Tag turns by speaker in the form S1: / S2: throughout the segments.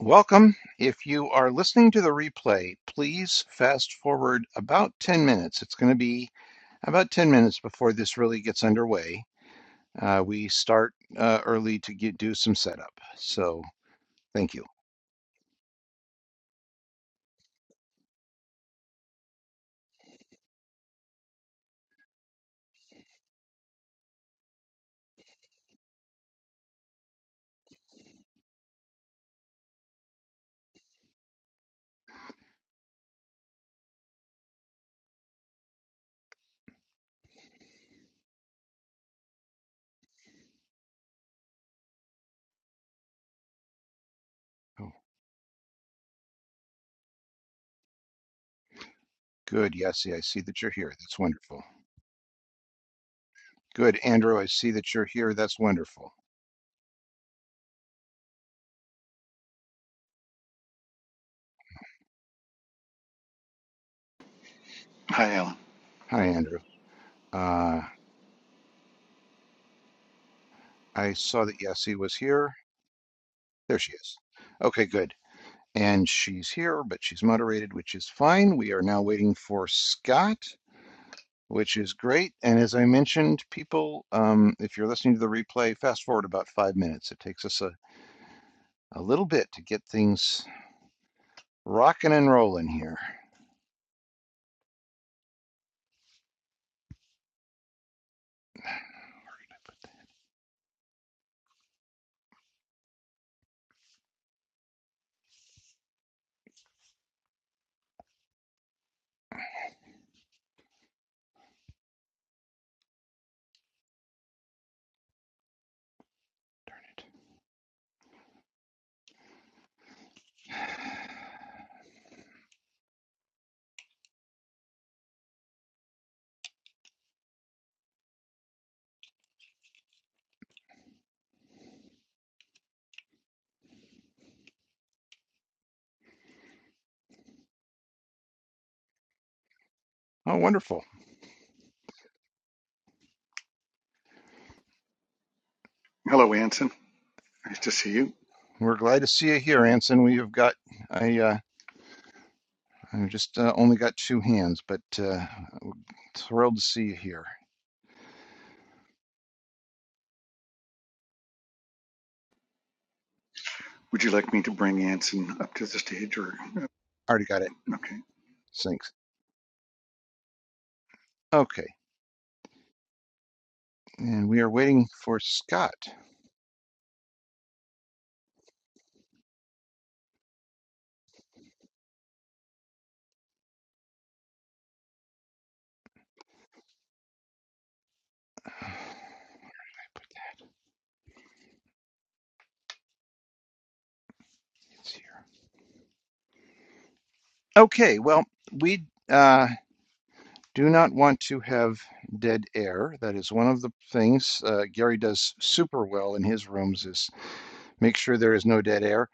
S1: Welcome. If you are listening to the replay, please fast forward about 10 minutes. It's going to be about 10 minutes before this really gets underway. Uh, we start uh, early to get, do some setup. So thank you. Oh, good. Yes, I see that you're here. That's wonderful. Good, Andrew. I see that you're here. That's wonderful.
S2: Hi, Alan.
S1: Hi, Andrew. Uh, I saw that Yassi was here. There she is. Okay, good. And she's here, but she's moderated, which is fine. We are now waiting for Scott, which is great. And as I mentioned, people, um, if you're listening to the replay, fast forward about five minutes. It takes us a, a little bit to get things rocking and rolling here. Oh, wonderful.
S2: Hello, Anson. Nice to see you.
S1: We're glad to see you here, Anson. We have got, I, uh, I just uh, only got two hands, but uh, thrilled to see you here.
S2: Would you like me to bring Anson up to the stage or? uh,
S1: Already got it.
S2: Okay.
S1: Thanks. Okay. And we are waiting for Scott. It's here. Okay, well, we uh, do not want to have dead air. That is one of the things uh, Gary does super well in his rooms is make sure there is no dead air.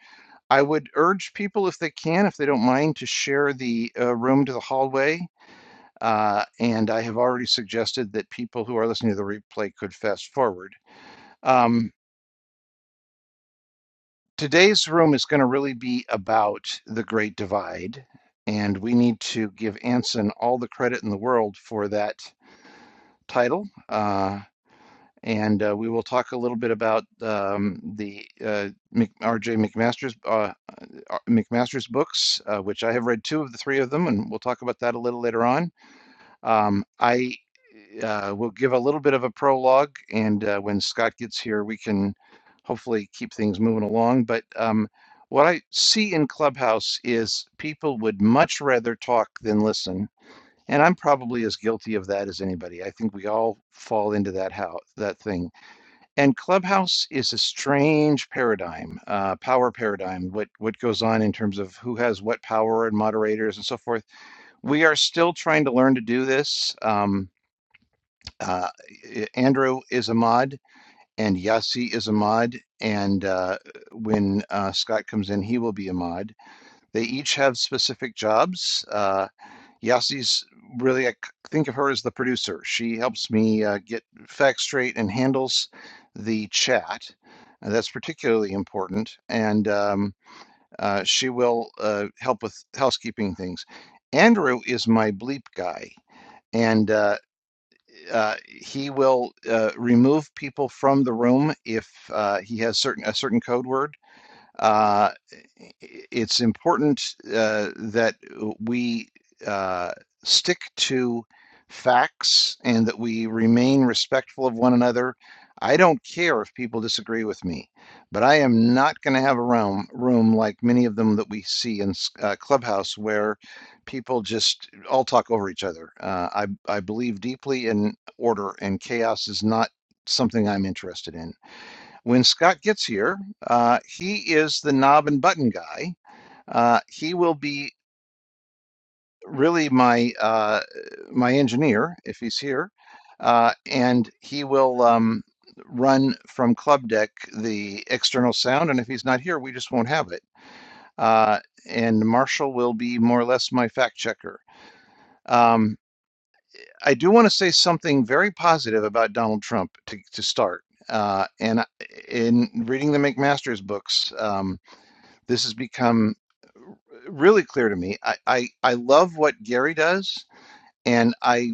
S1: I would urge people, if they can, if they don't mind, to share the uh, room to the hallway. Uh, and I have already suggested that people who are listening to the replay could fast forward. Um, today's room is going to really be about the Great Divide, and we need to give Anson all the credit in the world for that title. Uh, and uh, we will talk a little bit about um, the uh, R.J. McMaster's uh, uh, McMaster's books, uh, which I have read two of the three of them, and we'll talk about that a little later on. Um, I uh, will give a little bit of a prologue, and uh, when Scott gets here, we can hopefully keep things moving along. But um, what I see in Clubhouse is people would much rather talk than listen, and I'm probably as guilty of that as anybody. I think we all fall into that how that thing. And Clubhouse is a strange paradigm, uh, power paradigm. What what goes on in terms of who has what power and moderators and so forth. We are still trying to learn to do this. Um, uh, eh, Andrew is a mod, and Yassi is a mod, and uh, when uh, Scott comes in, he will be a mod. They each have specific jobs. Uh, Yassi's really, i think of her as the producer. She helps me uh, get facts straight and handles the chat. Uh, that's particularly important, and um, uh, she will uh, help with housekeeping things. Andrew is my bleep guy, and uh, uh, he will uh, remove people from the room if uh, he has certain a certain code word uh, it's important uh, that we uh, stick to facts and that we remain respectful of one another. I don't care if people disagree with me, but I am not going to have a room, room like many of them that we see in uh, Clubhouse where people just all talk over each other. Uh, I, I believe deeply in order, and chaos is not something I'm interested in. When Scott gets here, uh, he is the knob and button guy. Uh, he will be really my uh, my engineer if he's here, uh, and he will um, run from Club Deck the external sound. And if he's not here, we just won't have it. Uh, and Marshall will be more or less my fact checker. Um, I do want to say something very positive about Donald Trump to, to start. Uh, and uh, in reading the McMaster's books. Um, This has become really clear to me. I, I, I love what Gary does, and I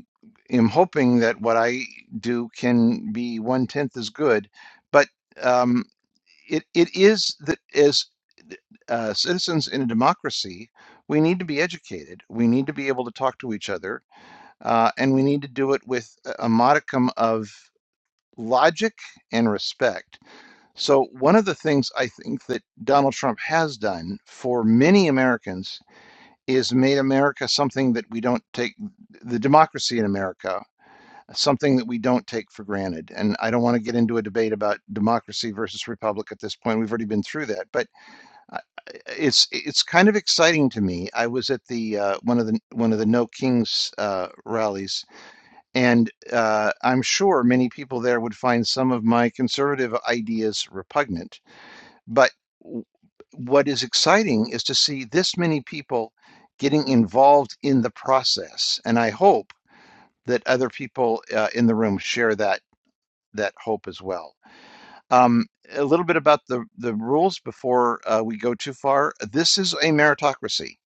S1: am hoping that what I do can be one tenth as good. But um, it, it is that as uh, citizens in a democracy, we need to be educated. We need to be able to talk to each other, uh, and we need to do it with a a modicum of logic and respect so, one of the things I think that Donald Trump has done for many Americans is made America something that we don't take, the democracy in America, something that we don't take for granted. And I don't want to get into a debate about democracy versus republic at this point. We've already been through that. But I- it's it's kind of exciting to me. I was at the uh, one of the one of the No Kings uh, rallies, and uh, I'm sure many people there would find some of my conservative ideas repugnant but w- what is exciting is to see this many people getting involved in the process, and I hope that other people uh, in the room share that that hope as well. Um, a little bit about the the rules before uh, we go too far. This is a meritocracy.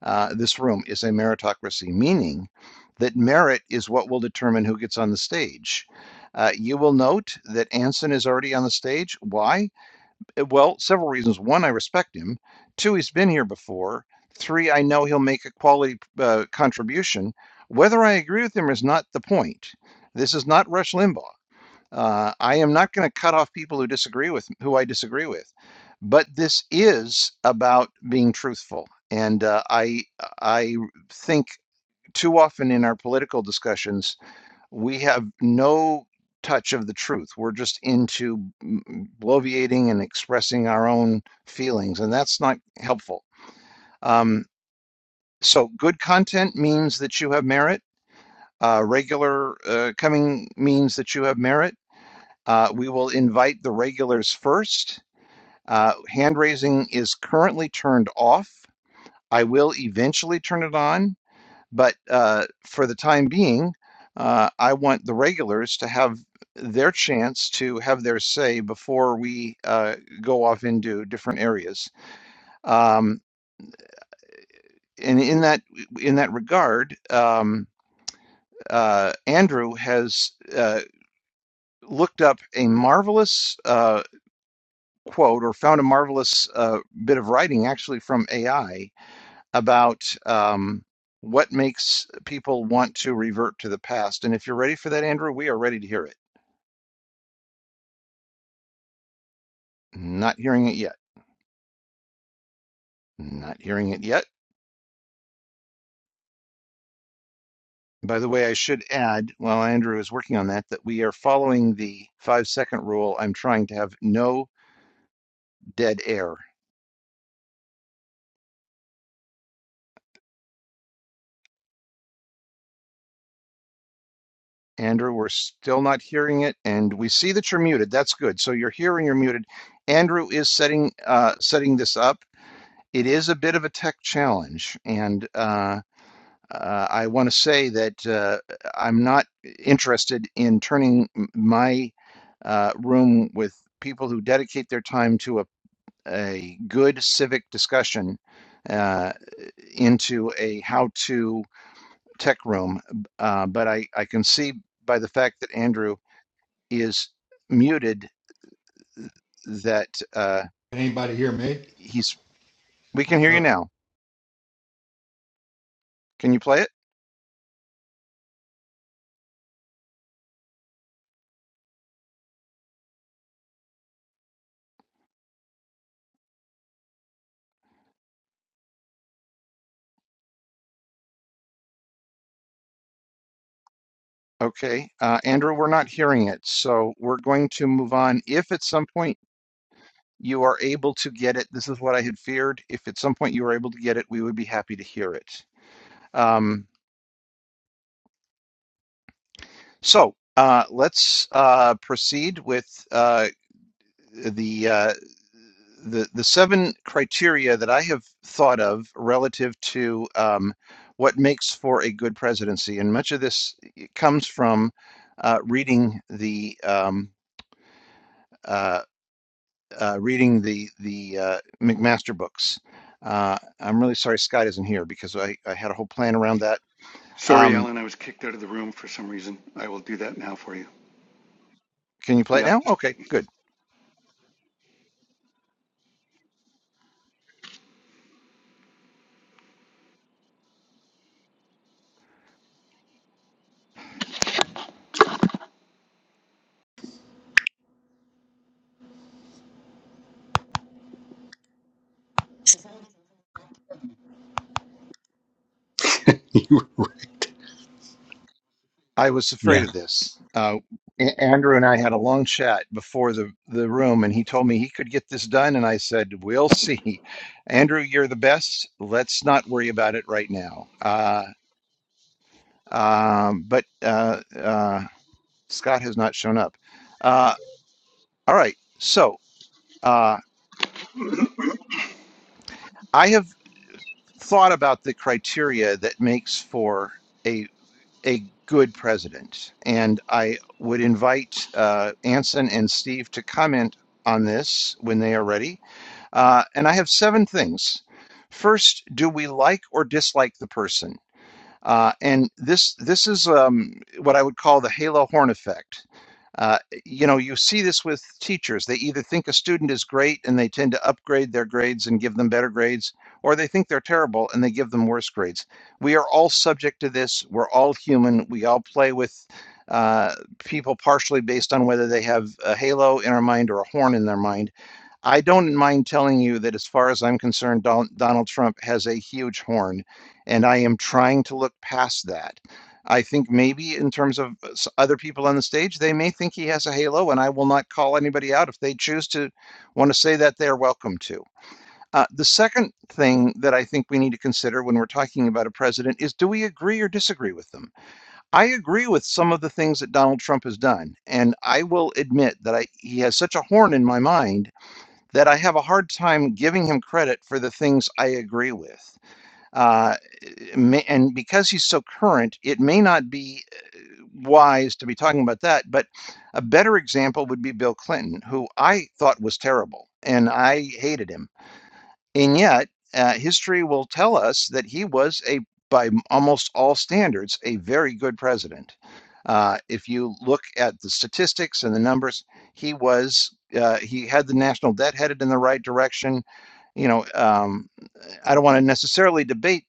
S1: Uh, this room is a meritocracy, meaning that merit is what will determine who gets on the stage. Uh, you will note that Anson is already on the stage. Why? Uh, Well, several reasons. One, I respect him. Two, he's been here before. Three, I know he'll make a quality uh, contribution. Whether I agree with him is not the point. This is not Rush Limbaugh. Uh, I am not going to cut off people who disagree with who I disagree with, but this is about being truthful, and uh, I I think too often in our political discussions we have no touch of the truth. We're just into mm, bloviating and expressing our own feelings, and that's not helpful. Um, so, good content means that you have merit. Uh, regular uh, coming means that you have merit. Uh, we will invite the regulars first. Uh, hand raising is currently turned off. I will eventually turn it on. But uh, for the time being, uh, I want the regulars to have their chance to have their say before we uh, go off into different areas. Um, and in that in that regard, um, uh, Andrew has uh, looked up a marvelous uh, quote or found a marvelous uh, bit of writing actually from AI about um, what makes people want to revert to the past. And if you're ready for that, Andrew, we are ready to hear it. Not hearing it yet. Not hearing it yet. By the way, I should add, while Andrew is working on that, that we are following the five second rule. I'm trying to have no dead air. Andrew, we're still not hearing it, and we see that you're muted. That's good. So you're here and you're muted. Andrew is setting uh, setting this up. It is a bit of a tech challenge, and uh, Uh, I want to say that uh, I'm not interested in turning my uh, room with people who dedicate their time to a, a good civic discussion uh, into a how to tech room. Uh, but I, I can see by the fact that Andrew is muted that uh,
S3: Anybody hear me?
S1: he's. We can hear you
S3: Okay.
S1: now. Can you play it? Okay, uh, Andrew, we're not hearing it, so we're going to move on. If at some point you are able to get it. This is what I had feared. If at some point you were able to get it, we would be happy to hear it. Um, so uh, let's uh, proceed with uh, the, uh, the the seven criteria that I have thought of relative to um, what makes for a good presidency, and much of this comes from uh, reading the um, uh, uh, reading the the uh, McMaster books. Uh, I'm really sorry Scott isn't here because I, I had a whole plan around that.
S2: Sorry,
S1: Um,
S2: Alan, I was kicked out of the room for some reason. I will do that now for you.
S1: can you play it
S2: Yeah.
S1: now? Okay, good. I was afraid
S2: yeah.
S1: of this. Uh, A- Andrew and I had a long chat before the, the room, and he told me he could get this done, and I said, "We'll see." Andrew, you're the best. Let's not worry about it right now. Uh, um, but uh, uh, Scott has not shown up. Uh, all right, so. Uh, I have. thought about the criteria that makes for a a good president, and I would invite uh, Anson and Steve to comment on this when they are ready. Uh, and I have seven things. First, do we like or dislike the person? Uh, and this this is um, what I would call the halo horn effect. Uh, you know, you see this with teachers. They either think a student is great and they tend to upgrade their grades and give them better grades, or they think they're terrible and they give them worse grades. We are all subject to this. We're all human. We all play with uh, people partially based on whether they have a halo in our mind or a horn in their mind I don't mind telling you that as far as I'm concerned, Don- Donald Trump has a huge horn, and I am trying to look past that. I think maybe in terms of uh, s- other people on the stage, they may think he has a halo, and I will not call anybody out if they choose to want to say that they are welcome to. Uh, the second thing that I think we need to consider when we're talking about a president is do we agree or disagree with them? I agree with some of the things that Donald Trump has done, and I will admit that I, he has such a horn in my mind that I have a hard time giving him credit for the things I agree with. Uh, may- and because he's so current, it may not be eh, wise to be talking about that. But a better example would be Bill Clinton, who I thought was terrible and I hated him. And yet, uh, history will tell us that he was a, by almost all standards, a very good president. Uh, if you look at the statistics and the numbers, he was uh, he had the national debt headed in the right direction. You know, um, I don't want to necessarily debate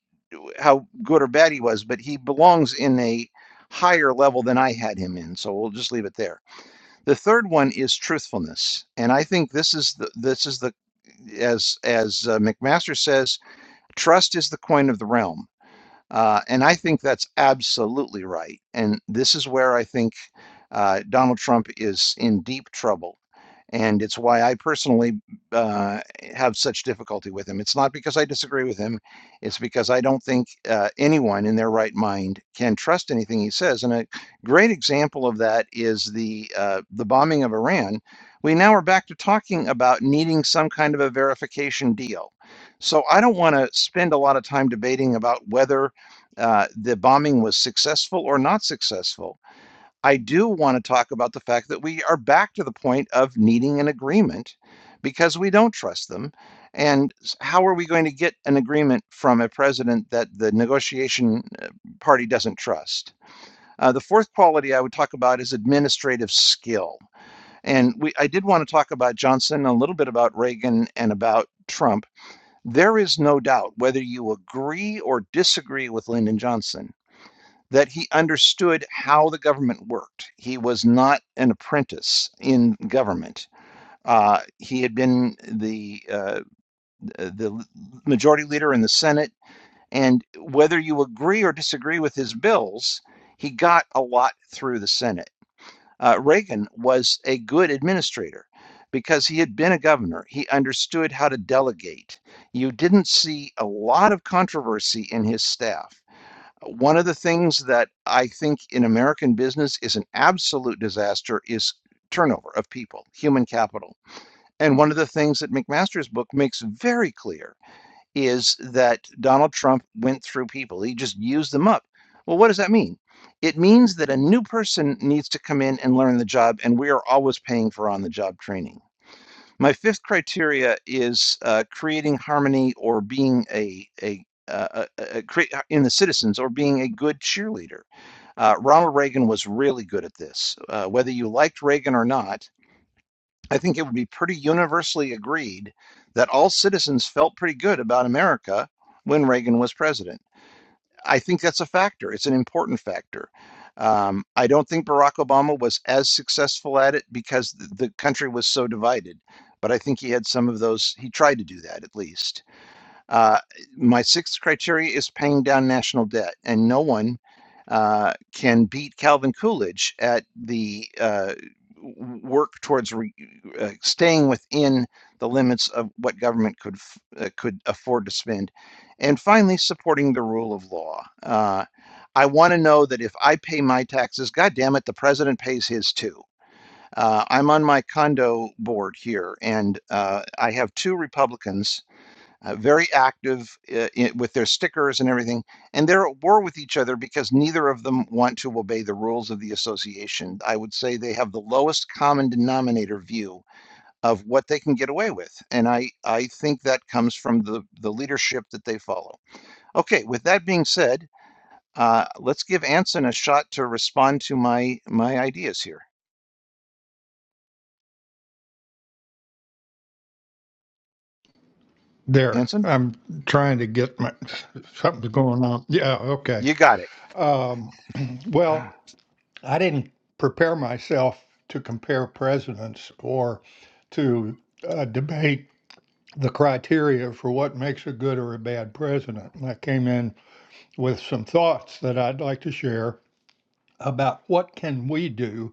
S1: how good or bad he was, but he belongs in a higher level than I had him in. So we'll just leave it there. The third one is truthfulness, and I think this is the this is the as as uh, McMaster says, trust is the coin of the realm. Uh, and I think that's absolutely right. And this is where I think uh, Donald Trump is in deep trouble. And it's why I personally uh, have such difficulty with him. It's not because I disagree with him, it's because I don't think uh, anyone in their right mind can trust anything he says. And a great example of that is the, uh, the bombing of Iran. We now are back to talking about needing some kind of a verification deal. So I don't want to spend a lot of time debating about whether uh, the bombing was successful or not successful. I do want to talk about the fact that we are back to the point of needing an agreement because we don't trust them. And how are we going to get an agreement from a president that the negotiation uh, party doesn't trust? Uh, the fourth quality I would talk about is administrative skill. And we, I did want to talk about Johnson, a little bit about Reagan, and about Trump. There is no doubt whether you agree or disagree with Lyndon Johnson that he understood how the government worked. He was not an apprentice in government. Uh, he had been the uh, the majority leader in the Senate, and whether you agree or disagree with his bills, he got a lot through the Senate. Uh, Reagan was a good administrator because he had been a governor. He understood how to delegate. You didn't see a lot of controversy in his staff one of the things that I think in American business is an absolute disaster is turnover of people, human capital. And one of the things that McMaster's book makes very clear is that Donald Trump went through people, he just used them up. Well, what does that mean? It means that a new person needs to come in and learn the job, and we are always paying for on the job training. My fifth criteria is uh, creating harmony or being a a, uh, a, a create uh, in the citizens or being a good cheerleader. Uh, Ronald Reagan was really good at this. Uh, whether you liked Reagan or not, I think it would be pretty universally agreed that all citizens felt pretty good about America when Reagan was president. I think that's a factor. It's an important factor. Um, I don't think Barack Obama was as successful at it because the country was so divided, but I think he had some of those. He tried to do that at least. Uh, my sixth criteria is paying down national debt, and no one uh, can beat Calvin Coolidge at the uh, work towards re- uh, staying within the limits of what government could uh, could afford to spend. And finally, supporting the rule of law. Uh, I want to know that if I pay my taxes, God damn it, the president pays his too. Uh, I'm on my condo board here, and uh, I have two Republicans uh, very active uh, i with their stickers and everything. And they're at war with each other because neither of them want to obey the rules of the association. I would say they have the lowest common denominator view of what they can get away with. And I, I think that comes from the, the leadership that they follow. Okay, with that being said, uh, let's give Anson a shot to respond to my my ideas here.
S3: There.
S1: Anson,
S3: I'm trying to get my something's going on. Yeah, okay.
S1: you got it.
S3: Um, well, I didn't prepare myself to compare presidents or to uh, debate the criteria for what makes a good or a bad president. And I came in with some thoughts that I'd like to share about what can we do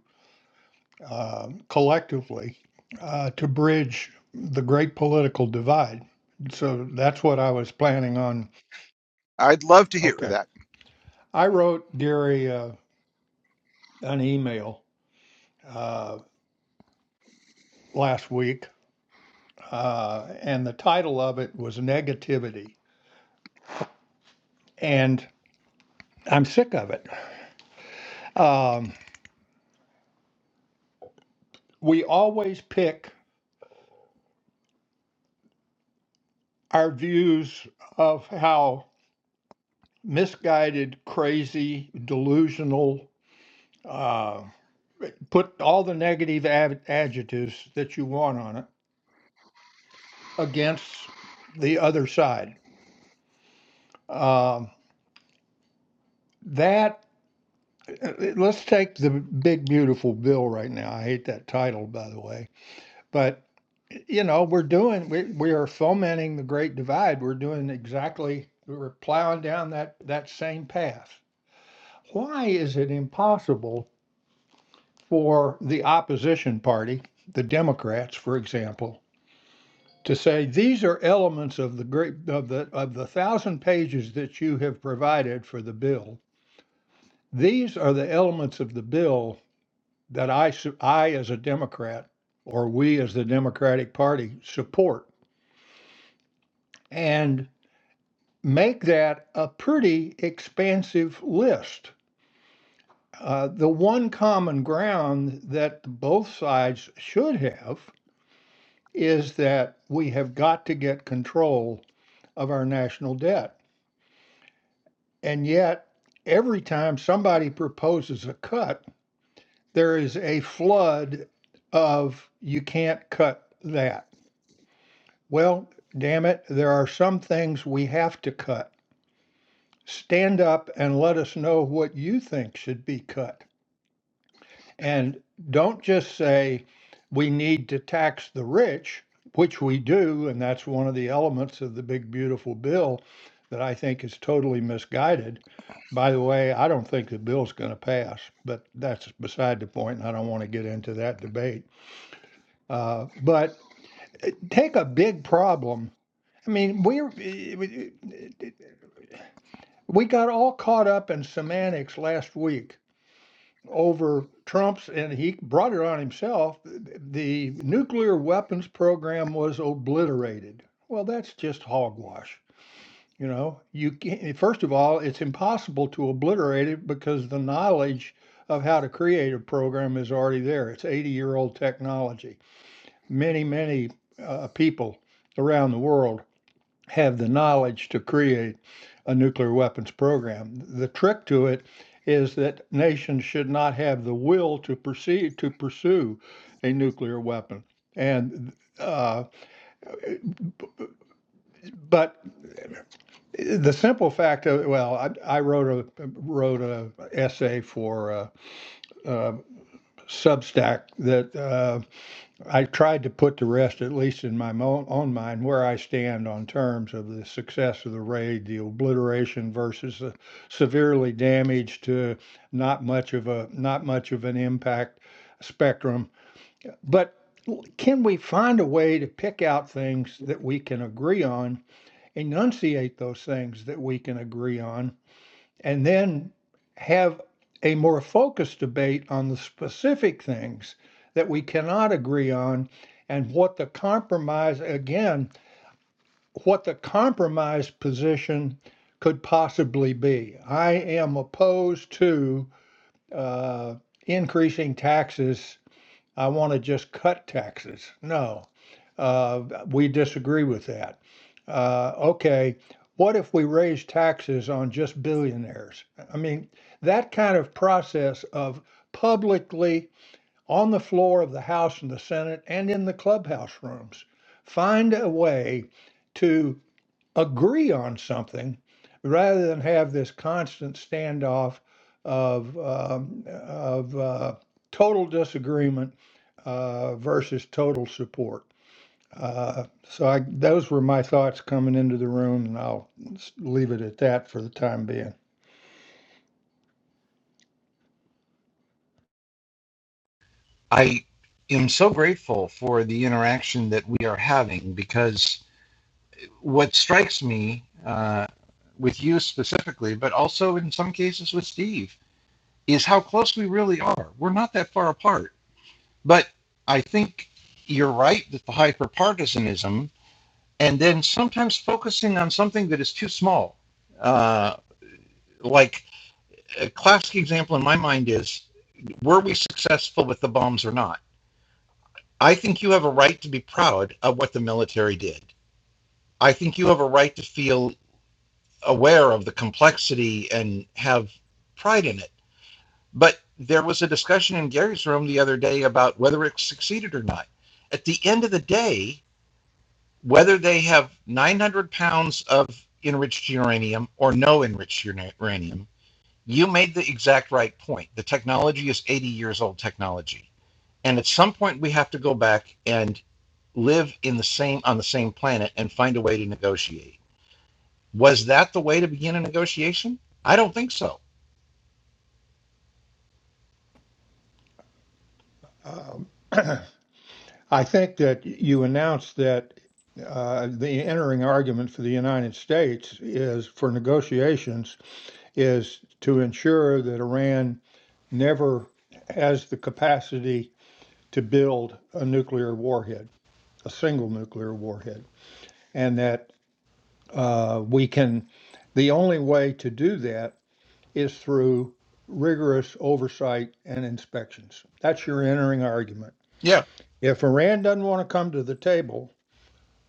S3: um, collectively uh, to bridge the great political divide. So that's what I was planning on.
S1: I'd love to hear
S3: Okay.
S1: that.
S3: I wrote Gary uh, an email uh, last week, uh, and the title of it was Negativity. And I'm sick of it. Um, we always pick our views of how misguided, crazy, delusional, uh, put all the negative ad- adjectives that you want on it against the other side. Um, that uh, let's take the big beautiful bill right now. I hate that title, by the way, but you know we're doing we, we are fomenting the great divide. We're doing exactly we're plowing down that that same path. Why is it impossible for the opposition party, the Democrats, for example? to say these are elements of the great of the of the thousand pages that you have provided for the bill. These are the elements of the bill that I I as a Democrat or we as the Democratic Party support and make that a pretty expansive list. Uh, the one common ground that both sides should have is that we have got to get control of our national debt And yet, every time somebody proposes a cut, there is a flood of you can't cut that. Well, damn it, there are some things we have to cut. Stand up and let us know what you think should be cut. And don't just say we need to tax the rich, which we do, and that's one of the elements of the big beautiful bill that I think is totally misguided. By the way, I don't think the bill's going to pass, but that's beside the point, and I don't want to get into that debate. Uh, but eh, take a big problem. I mean, we're, eh, we uh, we got all caught up in semantics last week over Trump's, and he brought it on himself. The nuclear weapons program was obliterated. Well, that's just hogwash. You know, you can't, first of all, it's impossible to obliterate it because the knowledge of how to create a program is already there. It's 80 year old technology. Many, many uh, people around the world have the knowledge to create a nuclear weapons program. The trick to it is that nations should not have the will to proceed to pursue a nuclear weapon. And uh, but the simple fact of well, I, I wrote a wrote a essay for uh, uh, Substack that uh, I tried to put to rest, at least in my mo- own mind, where I stand on terms of the success of the raid, the obliteration versus the severely damaged to not much of a not much of an impact spectrum. But can we find a way to pick out things that we can agree on, enunciate those things that we can agree on, and then have a more focused debate on the specific things that we cannot agree on and what the compromise, again, what the compromise position could possibly be. I am opposed to uh, increasing taxes I want to just cut taxes. No, uh, we disagree with that. Uh, okay, what if we raise taxes on just billionaires? I mean, that kind of process of publicly on the floor of the House and the Senate and in the clubhouse rooms, find a way to agree on something rather than have this constant standoff of um, of uh, total disagreement uh, versus total support. Uh, so I, those were my thoughts coming into the room, and I'll s- leave it at that for the time being.
S1: I am so grateful for the interaction that we are having because what strikes me uh, with you specifically, but also in some cases with Steve, is how close we really are. We're not that far apart. But I think you're right that the hyperpartisanism and then sometimes focusing on something that is too small. Uh, like a classic example in my mind is were we successful with the bombs or not? I think you have a right to be proud of what the military did. I think you have a right to feel aware of the complexity and have pride in it. But there was a discussion in Gary's room the other day about whether it succeeded or not. At the end of the day, whether they have 900 pounds of enriched uranium or no enriched uranium, you made the exact right point. The technology is 80 years old technology. And at some point we have to go back and live in the same on the same planet and find a way to negotiate. Was that the way to begin a negotiation? I don't think so.
S3: Um, I think that you announced that uh, the entering argument for the United States is for negotiations is to ensure that Iran never has the capacity to build a nuclear warhead, a single nuclear warhead, and that uh, we can. The only way to do that is through rigorous oversight and inspections. That's your entering argument.
S1: Yeah.
S3: If Iran doesn't want to come to the table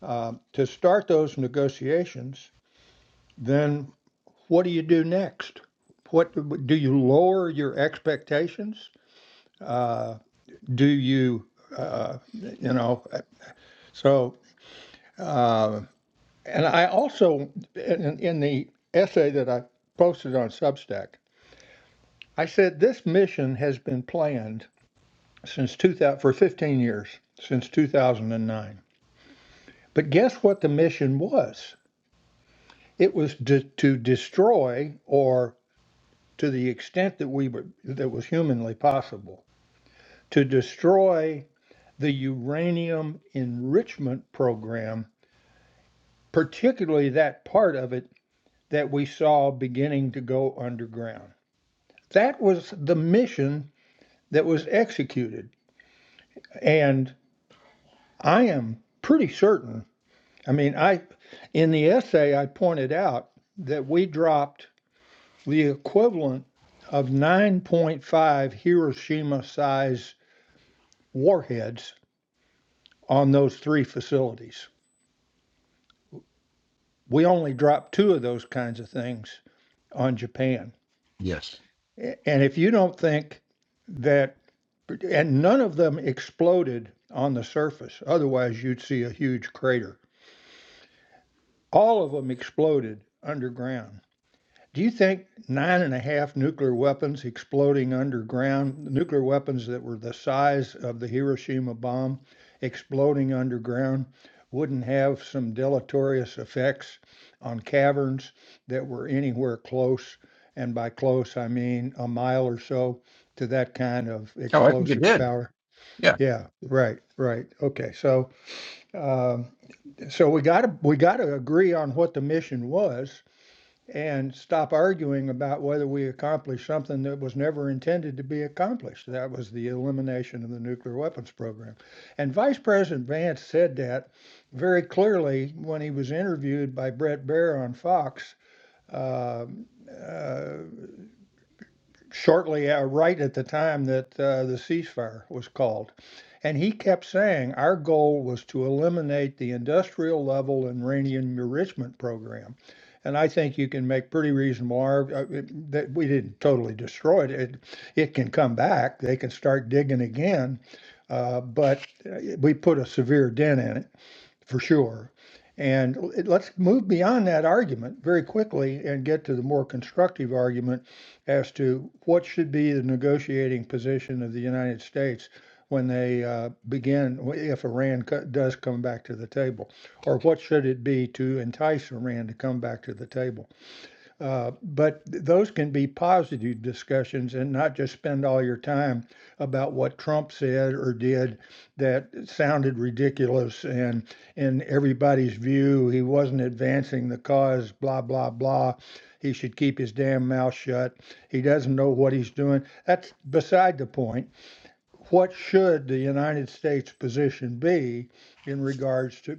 S3: uh, to start those negotiations, then what do you do next? What do you lower your expectations? uh, do you uh, you know so uh, and i also in, in the essay that i posted on substack i said this mission has been planned since 2000 for 15 years since 2009 but guess what the mission was it was to, to destroy or to the extent that we were that was humanly possible to destroy the uranium enrichment program particularly that part of it that we saw beginning to go underground. That was the mission that was executed. And I am pretty certain, I mean, I in the essay I pointed out that we dropped the equivalent of 9.5 Hiroshima size warheads on those three facilities. We only dropped two of those kinds of things on Japan.
S1: Yes.
S3: And if you don't think that, and none of them exploded on the surface, otherwise you'd see a huge crater. All of them exploded underground. Do you think nine and a half nuclear weapons exploding underground, nuclear weapons that were the size of the Hiroshima bomb exploding underground, wouldn't have some deleterious effects on caverns that were anywhere close? And by close, I mean a mile or so to that kind of
S1: Oh, I think it
S3: explosive
S1: did.
S3: power.
S1: Yeah.
S3: Yeah, right, right. Okay, so um, so we got to we got to agree on what the mission was, and stop arguing about whether we accomplished something that was never intended to be accomplished. That was the elimination of the nuclear weapons program. And Vice President Vance said that very clearly when he was interviewed by Brett Baer on Fox. Um, uh, shortly, uh, right at the time that uh, the ceasefire was called. And he kept saying our goal was to eliminate the industrial level and uranium enrichment program. And I think you can make pretty reasonable arg- uh, that we didn't totally destroy it. it. It can come back. They can start digging again, uh, but uh, we put a severe dent in it for sure. And it, let's move beyond that argument very quickly and get to the more constructive argument as to what should be the negotiating position of the United States when they uh, begin, if Iran co- does come back to the table, or what should it be to entice Iran to come back to the table? Uh, but th- those can be positive discussions and not just spend all your time about what Trump said or did that sounded ridiculous and in everybody's view he wasn't advancing the cause, blah, blah, blah. He should keep his damn mouth shut. He doesn't know what he's doing. That's beside the point. What should the United States position be in regards to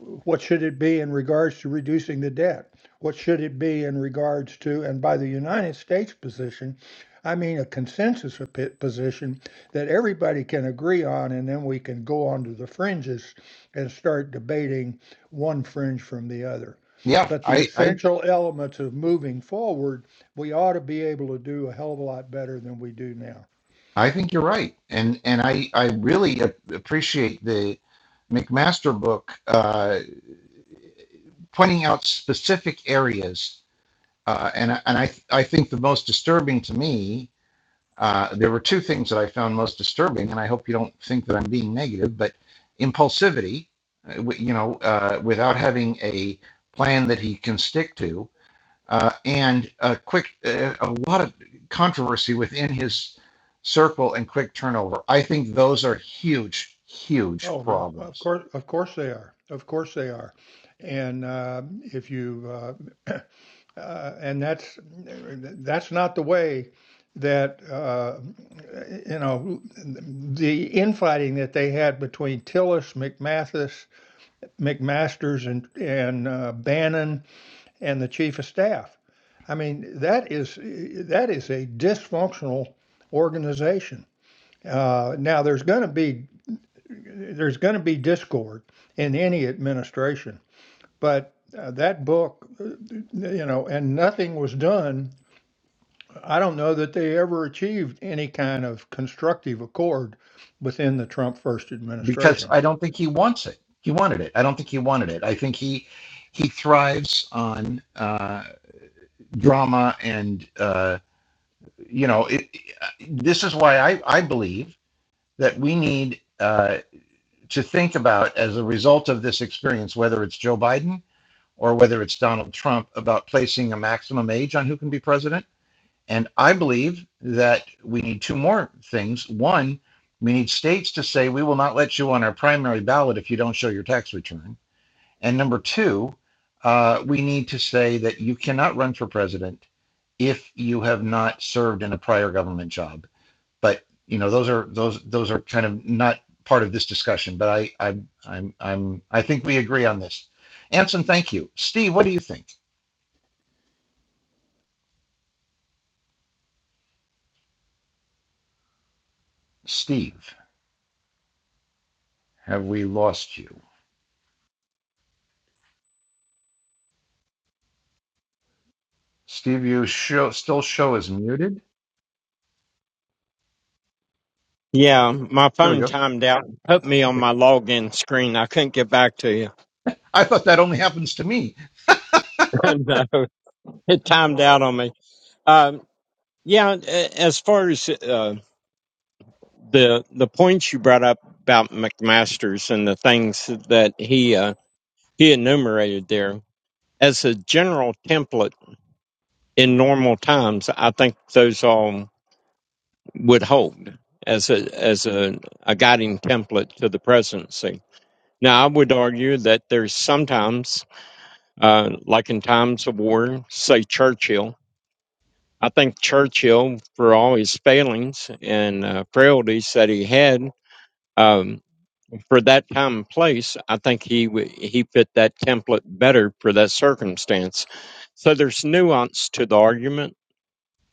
S3: what should it be in regards to reducing the debt? What should it be in regards to, and by the United States position, I mean a consensus position that everybody can agree on, and then we can go on to the fringes and start debating one fringe from the other.
S1: Yeah.
S3: But the
S1: I I,
S3: essential elements of moving forward, we ought to be able to do a hell of a lot better than we do now.
S1: I think you're right, and and I I really appreciate the McMaster book uh, pointing out specific areas, uh, and and I I think the most disturbing to me Uh, there were two things that I found most disturbing, and I hope you don't think that I'm being negative, but impulsivity, uh, you know, uh, without having a plan that he can stick to, uh, and a quick, uh, a lot of controversy within his circle and quick turnover. I think those are huge, huge
S3: Oh, yeah, of
S1: problems
S3: course, of course they are. Of course they are. And uh, if you uh, uh, and that's that's not the way that uh, you know the infighting that they had between Tillis, McMathis, McMasters, and and uh, Bannon and the chief of staff. I mean that is that is a dysfunctional organization. Uh, now there's going to be there's going to be discord in any administration, but uh, that book, uh, you know, and nothing was done I don't know that they ever achieved any kind of constructive accord within the Trump first
S1: because
S3: administration.
S1: I don't think he wants it. He wanted it. I don't think he wanted it. I think he he thrives on uh, drama and. uh, you know, it, this is why I, I believe that we need uh, to think about, as a result of this experience, whether it's Joe Biden or whether it's Donald Trump, about placing a maximum age on who can be president. And I believe that we need two more things. One, we need states to say, we will not let you on our primary ballot if you don't show your tax return. And number two, uh, we need to say that you cannot run for president if you have not served in a prior government job but you know those are those those are kind of not part of this discussion but i i'm i'm, I'm i think we agree on this anson thank you steve what do you think steve have we lost you steve you show still show is muted
S4: Yeah, my
S1: there we
S4: phone
S1: go
S4: timed out. Put me on
S1: okay
S4: my login screen. I couldn't get back to you.
S1: i thought that only happens to me
S4: no, it timed out on me. Um, yeah, a- as far as uh, the the points you brought up about McMaster's and the things that he uh, he enumerated there, as a general template in normal times, I think those all would hold as a as a, a guiding template to the presidency. Now, I would argue that there's sometimes Uh, like in times of war, say Churchill. I think Churchill, for all his failings and uh, frailties that he had, um, for that time and place, I think he w- he fit that template better for that circumstance. So there's nuance to the argument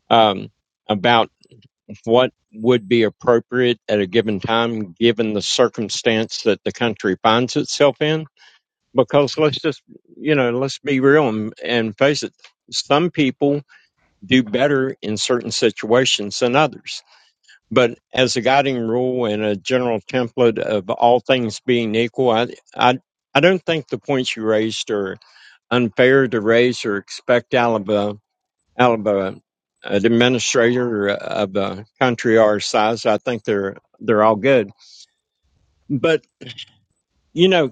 S4: um, about what would be appropriate at a given time, given the circumstance that the country finds itself in because let's just you know let's be real and, and face it some people do better in certain situations than others but as a guiding rule and a general template of all things being equal i i, I don't think the points you raised are unfair to raise or expect out of a Alabama Alabama an administrator of a country our size i think they're they're all good but you know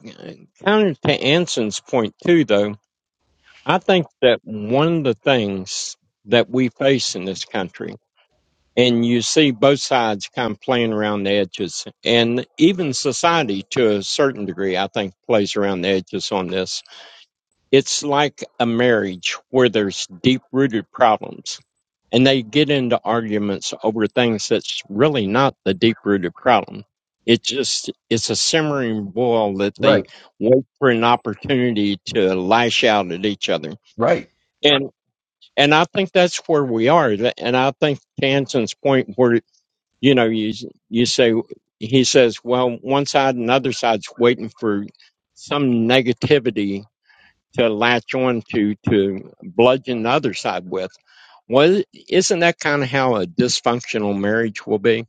S4: counter to anson's point too though I think that one of the things that we face in this country, and you see both sides kind of playing around the edges, and even society to a certain degree, I think, plays around the edges on this. It's like a marriage where there's deep rooted problems, and they get into arguments over things that's really not the deep rooted problem. It just it's a simmering boil that they
S1: right
S4: wait for an opportunity to lash out at each other
S1: right
S4: and I think that's where we are. And I think Jansen's point, where you know, you you say he says, well, one side and the other side's waiting for some negativity to latch on to to bludgeon the other side with. Well, isn't that kind of how a dysfunctional marriage will be?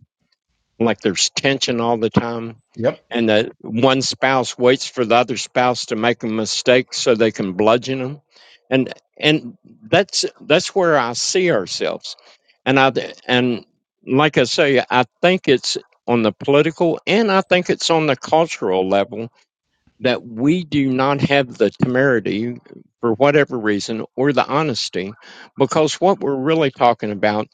S4: like there's tension all the time
S1: yep
S4: and that one spouse waits for the other spouse to make a mistake so they can bludgeon them and and that's that's where i see ourselves and i and like i say i think it's on the political and i think it's on the cultural level that we do not have the temerity for whatever reason or the honesty because what we're really talking about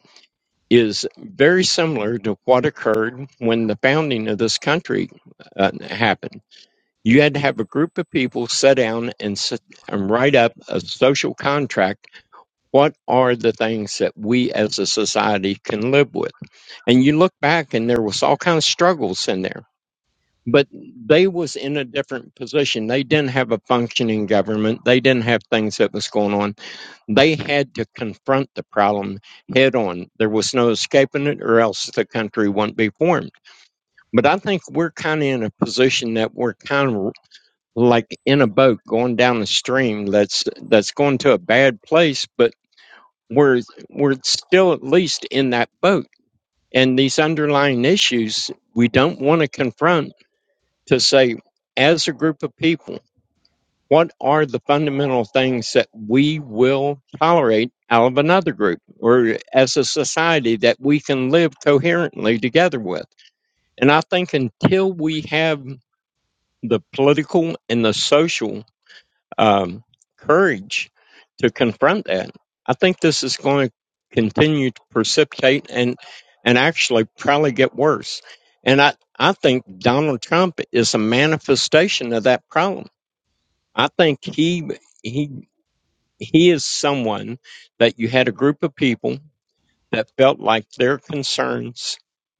S4: is very similar to what occurred when the founding of this country uh, happened. You had to have a group of people sit down and, sit, and write up a social contract. What are the things that we as a society can live with? And you look back, and there was all kinds of struggles in there. But they was in a different position. They didn't have a functioning government. They didn't have things that was going on they had to confront the problem head on. There was no escaping it, or else the country wouldn't be formed. But I think we're kind of in a position that we're kind of like in a boat going down a stream that's that's going to a bad place, but we're we're still at least in that boat. And these underlying issues we don't want to confront to say, as a group of people. What are the fundamental things that we will tolerate out of another group or as a society that we can live coherently together with? And I think until we have the political and the social um, courage to confront that, I think this is going to continue to precipitate and and actually probably get worse. And I, I think Donald Trump is a manifestation of that problem. I think he he he is someone that you had a group of people that felt like their concerns,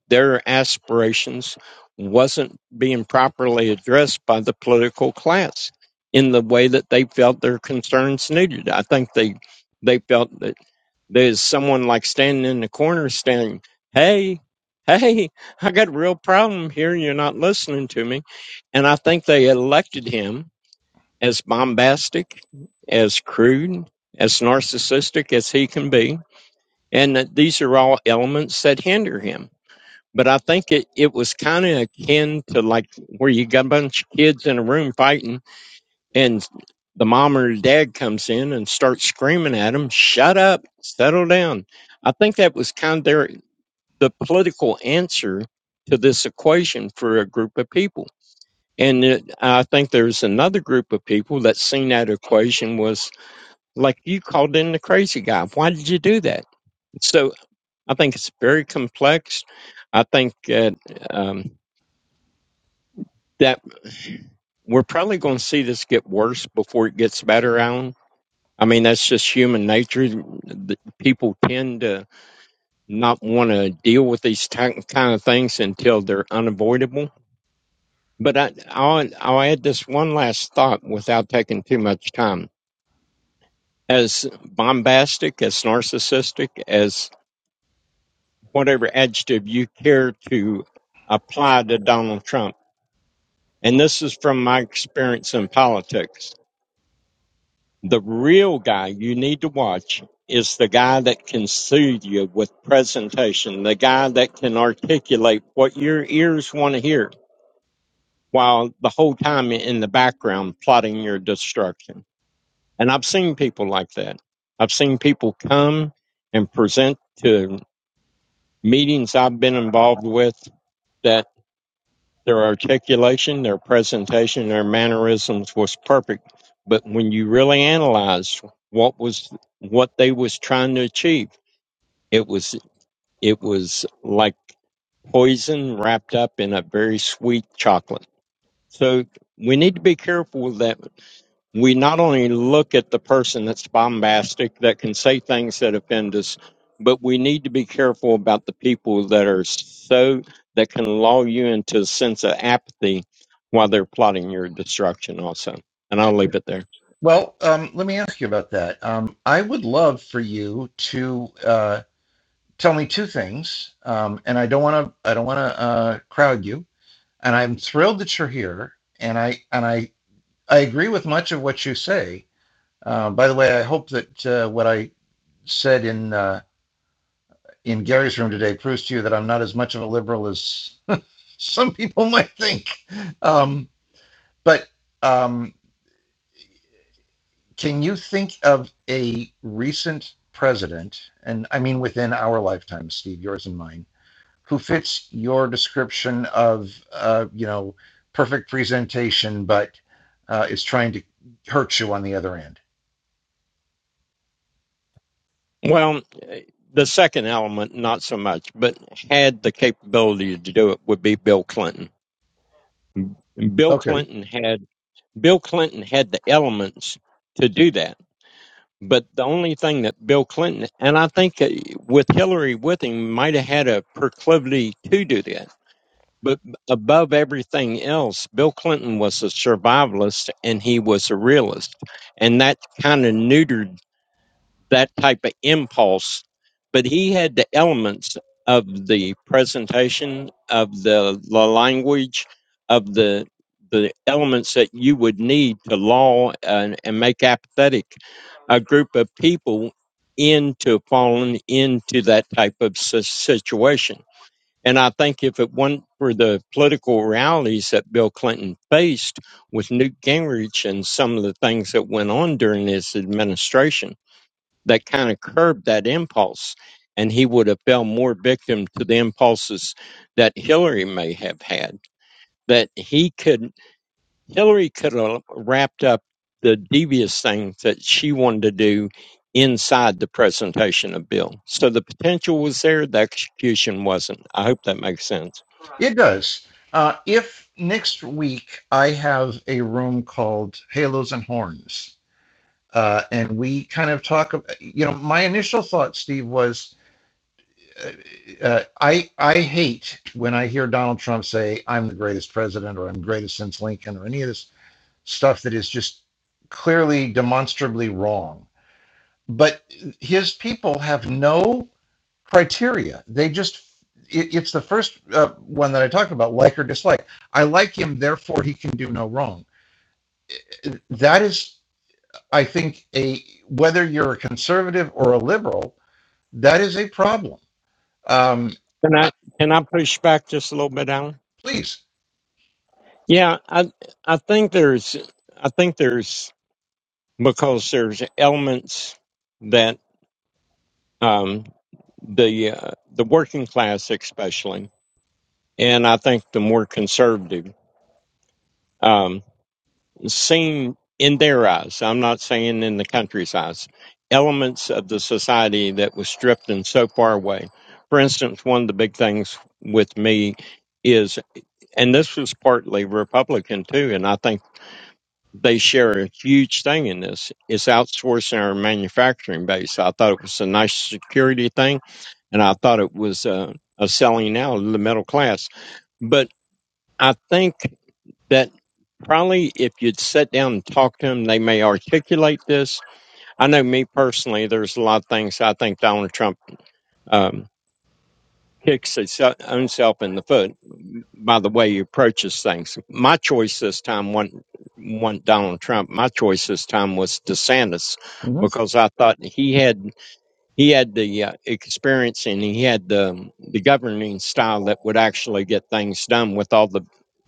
S4: their aspirations wasn't being properly addressed by the political class in the way that they felt their concerns needed. I think they they felt that there's someone like standing in the corner saying, Hey, hey, I got a real problem here and you're not listening to me. And I think they elected him as bombastic, as crude, as narcissistic as he can be. And that these are all elements that hinder him. But I think it, it was kind of akin to like where you got a bunch of kids in a room fighting and the mom or dad comes in and starts screaming at them, shut up, settle down. I think that was kind of their, the political answer to this equation for a group of people. And it, I think there's another group of people that seen that equation was like you called in the crazy guy. Why did you do that? So I think it's very complex. I think that um, that we're probably going to see this get worse before it gets better. Alan. I mean, that's just human nature. The- People tend to not want to deal with these ti- kind of things until they're unavoidable. But I, I'll, I'll add this one last thought without taking too much time. As bombastic, as narcissistic, as. whatever adjective you care to apply to Donald Trump. And this is from my experience in politics. The real guy you need to watch is the guy that can soothe you with presentation, the guy that can articulate what your ears want to hear while the whole time in the background plotting your destruction. And I've seen people like that. I've seen people come and present to meetings I've been involved with that. Their articulation, their presentation, their mannerisms was perfect. But when you really analyzed what was what they was trying to achieve, it was it was like poison wrapped up in a very sweet chocolate. So we need to be careful with that we not only look at the person that's bombastic, that can say things that offend us, but we need to be careful about the people that are so, that can lull you into a sense of apathy while they're plotting your destruction, also. And I'll leave it there.
S1: well um, let me ask you about that um, i would love for you to uh, tell me two things um, and i don't want to i don't want to uh, crowd you and I'm thrilled that you're here. And I and I I agree with much of what you say. Uh, by the way, I hope that uh, what I said in uh, in Gary's room today proves to you that I'm not as much of a liberal as some people might think. Um, but um, can you think of a recent president, and I mean within our lifetime, Steve, yours and mine? who fits your description of uh, you know perfect presentation, but uh, is trying to hurt you on the other end.
S4: Well, the second element, not so much, but had the capability to do it would be Bill Clinton. And Bill
S1: Okay,
S4: Clinton had Bill Clinton had the elements to do that But the only thing that Bill Clinton, and I think uh, with Hillary with him, might have had a proclivity to do that. But above everything else, Bill Clinton was a survivalist and he was a realist. And that kind of neutered that type of impulse. But he had the elements of the presentation, of the, the language, of the the elements that you would need to law and, and make apathetic a group of people into falling into that type of si- situation. And I think if it weren't for the political realities that Bill Clinton faced with Newt Gingrich and some of the things that went on during his administration, that kind of curbed that impulse. And he would have fell more victim to the impulses that Hillary may have had. That he could, Hillary could have wrapped up the devious things that she wanted to do inside the presentation of Bill. So the potential was there, the execution wasn't. I hope that makes sense.
S1: it does. Uh, if next week I have a room called Halos and Horns, uh, and we kind of talk, you know, my initial thought, Steve, was uh, uh, I I hate when I hear Donald Trump say I'm the greatest president or I'm greatest since Lincoln or any of this stuff that is just clearly demonstrably wrong but his people have no criteria they just it, it's the first uh, one that i talked about like or dislike i like him therefore he can do no wrong that is i think a whether you're a conservative or a liberal that is a problem um,
S4: Can
S1: uh,
S4: I can I push back just a little bit, Alan?
S1: please
S4: Yeah, I I think there's I think there's because there's elements that. um, the uh, the working class especially, and I think the more conservative um, seen in their eyes. I'm not saying in the country's eyes. Elements of the society that was stripped and so far away. For instance, one of the big things with me is, and this was partly Republican too, and I think. they share a huge thing in this It's outsourcing our manufacturing base. I thought it was a nice security thing, and I thought it was uh, a selling out of the middle class. But I think that probably if you'd sit down and talk to them, they may articulate this. I know me personally, there's a lot of things I think Donald Trump. um, kicks its own self in the foot by the way you approaches things. My choice this time wasn't, wasn't Donald Trump. My choice this time was DeSantis
S1: hmm
S4: because I thought he had he had the uh, experience and he had the um, the governing style that would actually get things done with all the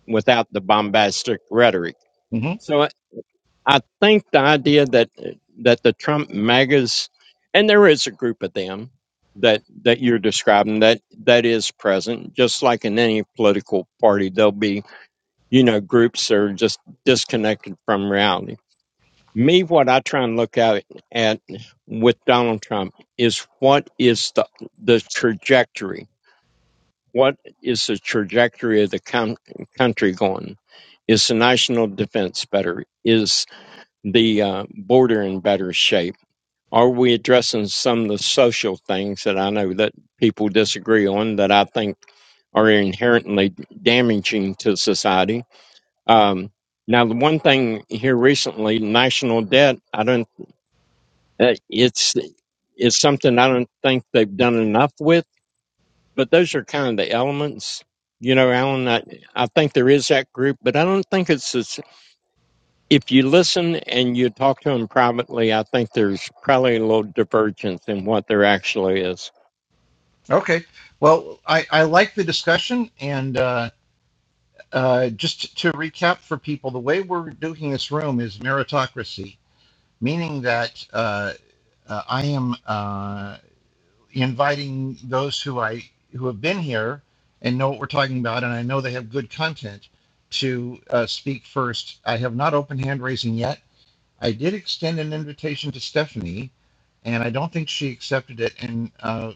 S4: without the bombastic rhetoric.
S1: hmm
S4: So uh, I think the idea that that the Trump magas, and there is a group of them that that you're describing that that is present, just like in any political party, there'll be you know groups that are just disconnected from reality. Me, what I try and look at at with Donald Trump is what is the the trajectory. What is the trajectory of the coun country going? Is the national defense better? Is the uh, border in better shape? Are we addressing some of the social things that I know that people disagree on that I think are inherently damaging to society? Um, now, the one thing here recently, national debt, I don't, uh, it's, it's something I don't think they've done enough with, but those are kind of the elements. You know, Alan, I, I think there is that group, but I don't think it's as if you listen and you talk to them privately, I think there's probably a little divergence in what there actually is.
S1: okay well I, I like the discussion and uh, Uh, just to recap for people, the way we're doing this room is meritocracy, meaning that uh, uh, I am uh, inviting those who I who have been here and know what we're talking about, and I know they have good content to uh, speak first. I have not opened hand raising yet I did extend an invitation to Stephanie, and I don't think she accepted it. And uh,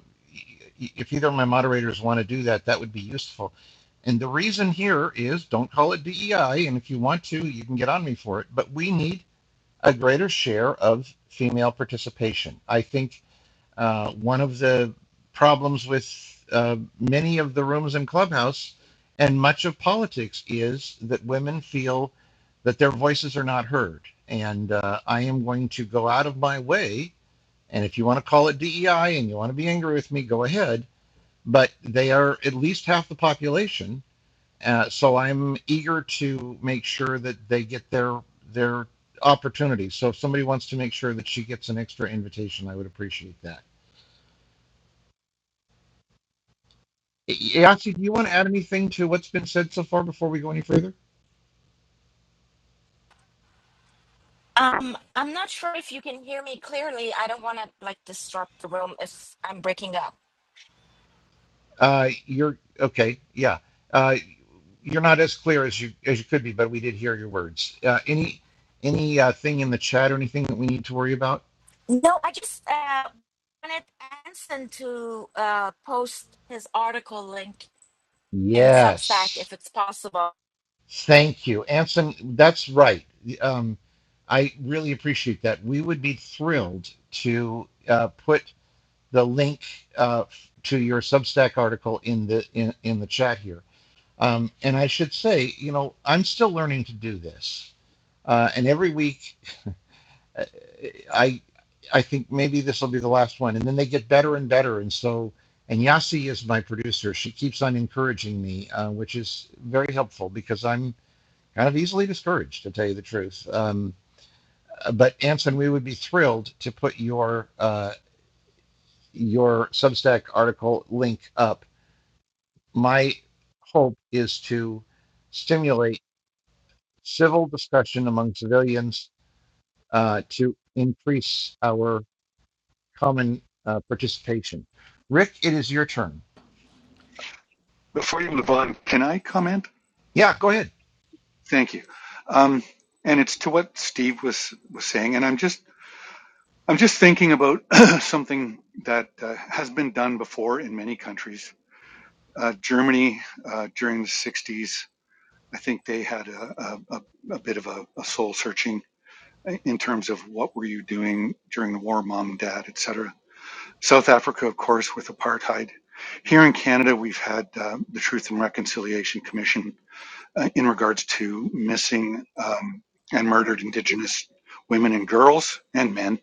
S1: if either of my moderators want to do that, that would be useful. And the reason here is don't call it DEI, and if you want to, you can get on me for it. But we need a greater share of female participation. I think uh, one of the problems with uh, many of the rooms in Clubhouse and much of politics is that women feel that their voices are not heard. And uh, I am going to go out of my way. And if you want to call it DEI and you want to be angry with me, go ahead. But they are at least half the population. Uh, so I'm eager to make sure that they get their their opportunities. So if somebody wants to make sure that she gets an extra invitation, I would appreciate that. Yahtzee, do you want to add anything to what's been said so far before we go any further?
S5: Um, I'm not sure if you can hear me clearly. I don't want to like disrupt the room if I'm breaking up.
S1: Uh, you're okay. Yeah. Uh, you're not as clear as you as you could be, but we did hear your words. Uh, any any uh, thing in the chat or anything that we need to worry about?
S5: No, I just uh, wanted Anson to uh, post his article link in Substack
S1: Yes.
S5: if it's possible.
S1: Thank you, Anson. That's right. Um, I really appreciate that. We would be thrilled to uh, put the link uh, to your Substack article in the in, in the chat here Um, and I should say, you know, I'm still learning to do this. Uh, and every week, uh, I I think maybe this will be the last one. And then they get better and better. And so, and Yasi is my producer. She keeps on encouraging me, uh, which is very helpful because I'm kind of easily discouraged, to tell you the truth. Um, but Anson, we would be thrilled to put your uh, your Substack article link up. My hope is to stimulate civil discussion among civilians uh, to increase our common uh, participation. Rick, it is your turn.
S2: Before you move on, can I comment?
S1: Yeah, go ahead.
S2: Thank you. Um, and it's to what Steve was, was saying. And I'm just, I'm just thinking about something that uh, has been done before in many countries. Uh, Germany, uh, during the 60s, I think they had a, a, a, bit of a, a soul searching in terms of what were you doing during the war, mom and dad, et cetera. South Africa, of course, with apartheid. Here in Canada, we've had uh, the Truth and Reconciliation Commission uh, in regards to missing um, and murdered Indigenous women and girls and men.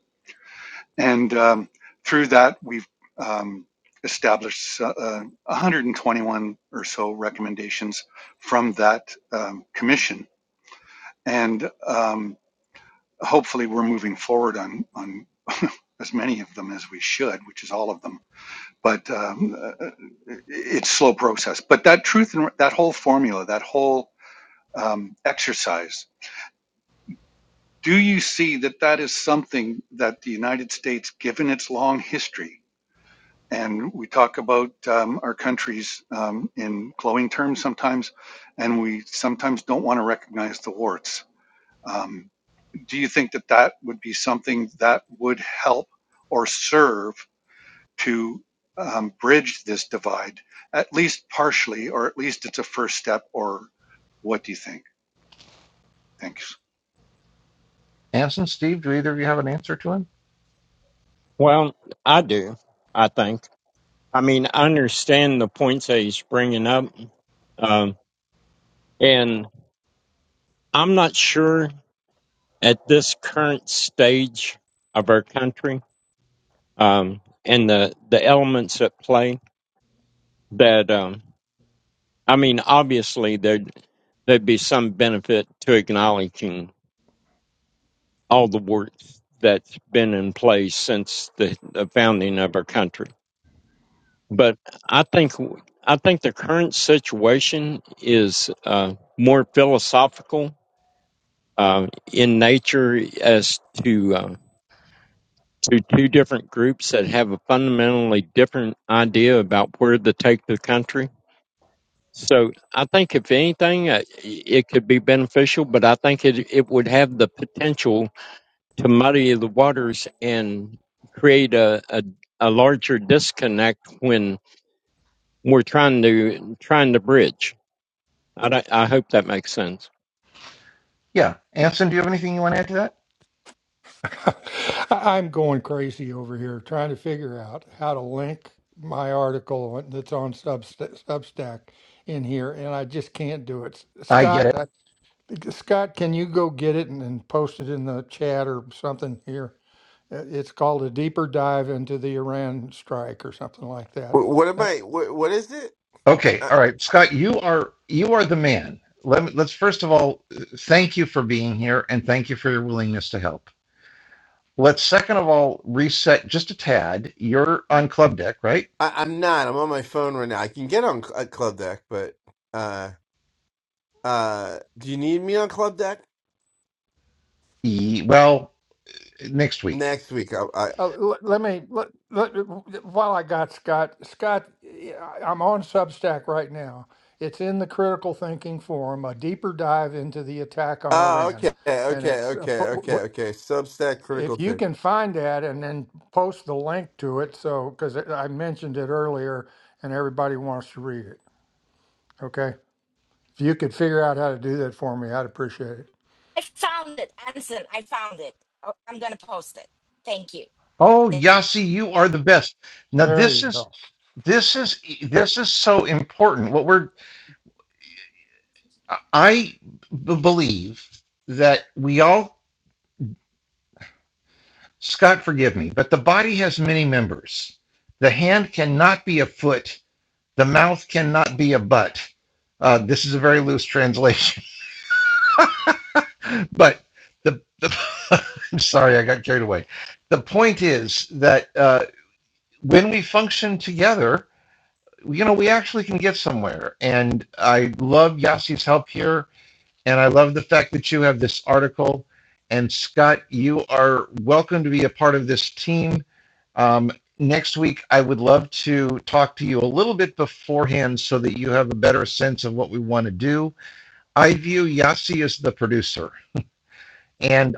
S2: And um, through that, we've um, established uh, uh, 121 or so recommendations from that um, commission. And um, hopefully we're moving forward on on as many of them as we should, which is all of them. But um, uh, it's slow process. But that truth and that whole formula, that whole um, exercise, do you see that that is something that the United States, given its long history, and we talk about um, our countries um, in glowing terms sometimes, and we sometimes don't want to recognize the warts. Um, do you think that that would be something that would help or serve to um, bridge this divide, at least partially, or at least it's a first step, or what do you think? Thanks.
S1: Anson, Steve, do either of you have an answer to him?
S4: Well, I do, I think. I mean, I understand the points that he's bringing up, um, and I'm not sure at this current stage of our country um, and the the elements at play that um, I mean, obviously there there'd be some benefit to acknowledging. all the work that's been in place since the, the founding of our country. But I think I think the current situation is uh, more philosophical uh, in nature as to uh, to two different groups that have a fundamentally different idea about where to take the country. So I think if anything, uh, it could be beneficial, but I think it it would have the potential to muddy the waters and create a, a, a larger disconnect when we're trying to trying to bridge. I, don't- I hope that makes sense.
S1: Yeah, Anson, do you have anything you want to add to that?
S3: I- I'm going crazy over here trying to figure out how to link my article that's on Substa- Substack in here, and I just can't do it.
S1: I guess.
S3: Scott, I, Scott, can you go get it and, and post it in the chat or something here? Uh, It's called a deeper dive into the Iran strike or something like
S6: Wh-
S3: that.
S6: What am
S3: Uh,
S6: I? What, what is it?
S1: Okay,
S6: I,
S1: all right, Scott, you are you are the man. Let me, let's first of all uh, thank you for being here and thank you for your willingness to help. Let's second of all reset just a tad. You're on club deck, right?
S6: I, I'm not. I'm on my phone right now. I can get on uh, Club Deck, but uh, uh, do you need me on Club Deck
S1: Ye- Well, next week.
S6: next week? I, I,
S3: Uh, l- let me let, let, while I got Scott. Scott, I- I'm on Substack right now. It's in the Critical Thinking Forum, a deeper dive into the attack on
S6: oh,
S3: Iran,
S6: okay,
S3: and
S6: okay,
S3: it's uh,
S6: okay,
S3: po- w-
S6: okay,
S3: w-
S6: okay. Substack critical
S3: if you
S6: thing.
S3: can find that and then post the link to it. So because I mentioned it earlier, and everybody wants to read it. Okay, if you could figure out how to do that for me, I'd appreciate it.
S5: I found it, Anson. I found it. Oh, I'm gonna post it. Thank you.
S1: Oh, Yasi, you are the best. Now
S3: There
S1: this
S3: you
S1: is
S3: go.
S1: this is this is so important. What we're I b- believe that we all Scott, forgive me, but the body has many members. The hand cannot be a foot. The mouth cannot be a butt. Uh, this is a very loose translation, but the I'm sorry, I got carried away. The point is that uh, when we function together. you know, we actually can get somewhere. And I love Yassi's help here. And I love the fact that you have this article. And Scott, you are welcome to be a part of this team. Um, next week, I would love to talk to you a little bit beforehand so that you have a better sense of what we want to do. I view Yassi as the producer. And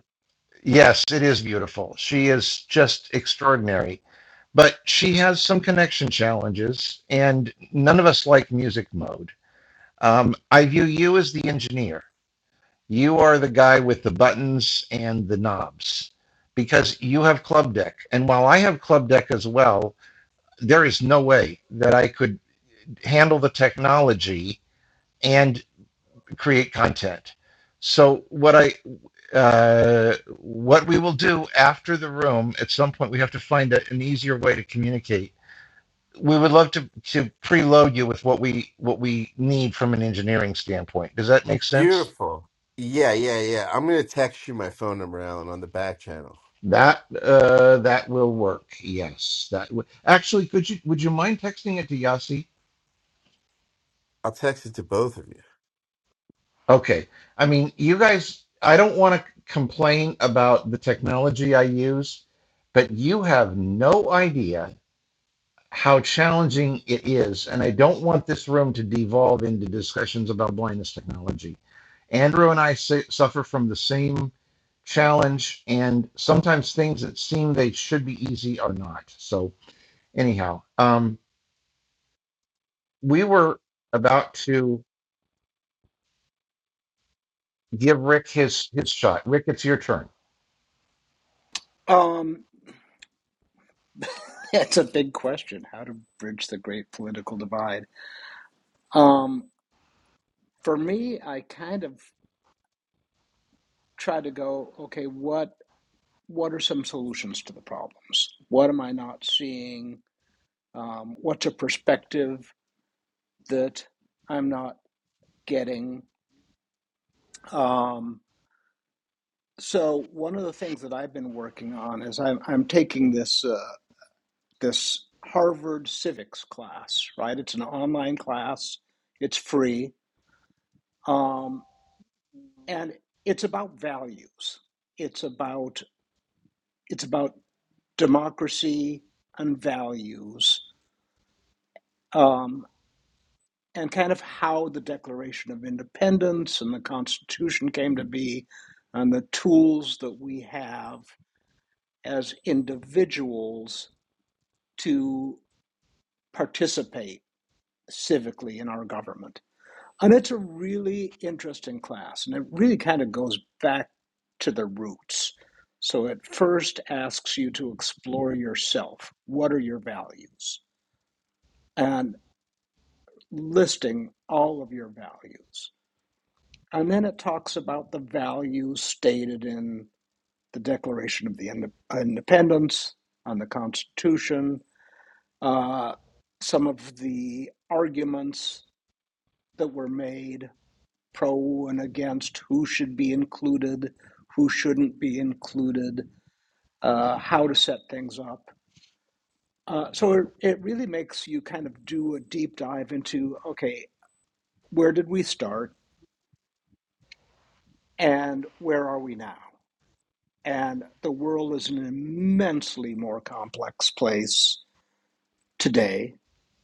S1: yes, it is beautiful. She is just extraordinary. But she has some connection challenges, and none of us like music mode. Um, I view you as the engineer. You are the guy with the buttons and the knobs because you have club deck. And while I have club deck as well, there is no way that I could handle the technology and create content. So what I uh, what we will do after the room at some point we have to find a, an easier way to communicate. We would love to to preload you with what we what we need from an engineering standpoint. Does that make sense?
S6: Beautiful. Yeah, yeah, yeah. I'm gonna text you my phone number, Alan, on the back channel.
S1: That uh, that will work. Yes, that w- actually could you would you mind texting it to Yasi?
S6: I'll text it to both of you.
S1: Okay. I mean, you guys, I don't want to complain about the technology I use, but you have no idea how challenging it is, and I don't want this room to devolve into discussions about blindness technology. Andrew and I su- suffer from the same challenge, and sometimes things that seem they should be easy are not. So, anyhow, um, we were about to give Rick his his shot. Rick, it's your turn.
S7: Um, it's a big question how to bridge the great political divide. Um, for me, I kind of try to go, okay, what what are some solutions to the problems? What am I not seeing? Um, what's a perspective that I'm not getting? Um, so one of the things that I've been working on is I'm I'm taking this uh, this Harvard civics class, right? It's an online class. It's free. Um, and it's about values it's about it's about democracy and values um, and kind of how the declaration of independence and the constitution came to be and the tools that we have as individuals to participate civically in our government And it's a really interesting class, and it really kind of goes back to the roots. So it first asks you to explore yourself. What are your values? And listing all of your values. And then it talks about the values stated in the Declaration of the Inde- Independence, on the Constitution, uh, some of the arguments that were made pro and against, who should be included, who shouldn't be included, uh, how to set things up. Uh, so it, it really makes you kind of do a deep dive into okay, where did we start and where are we now? And the world is an immensely more complex place today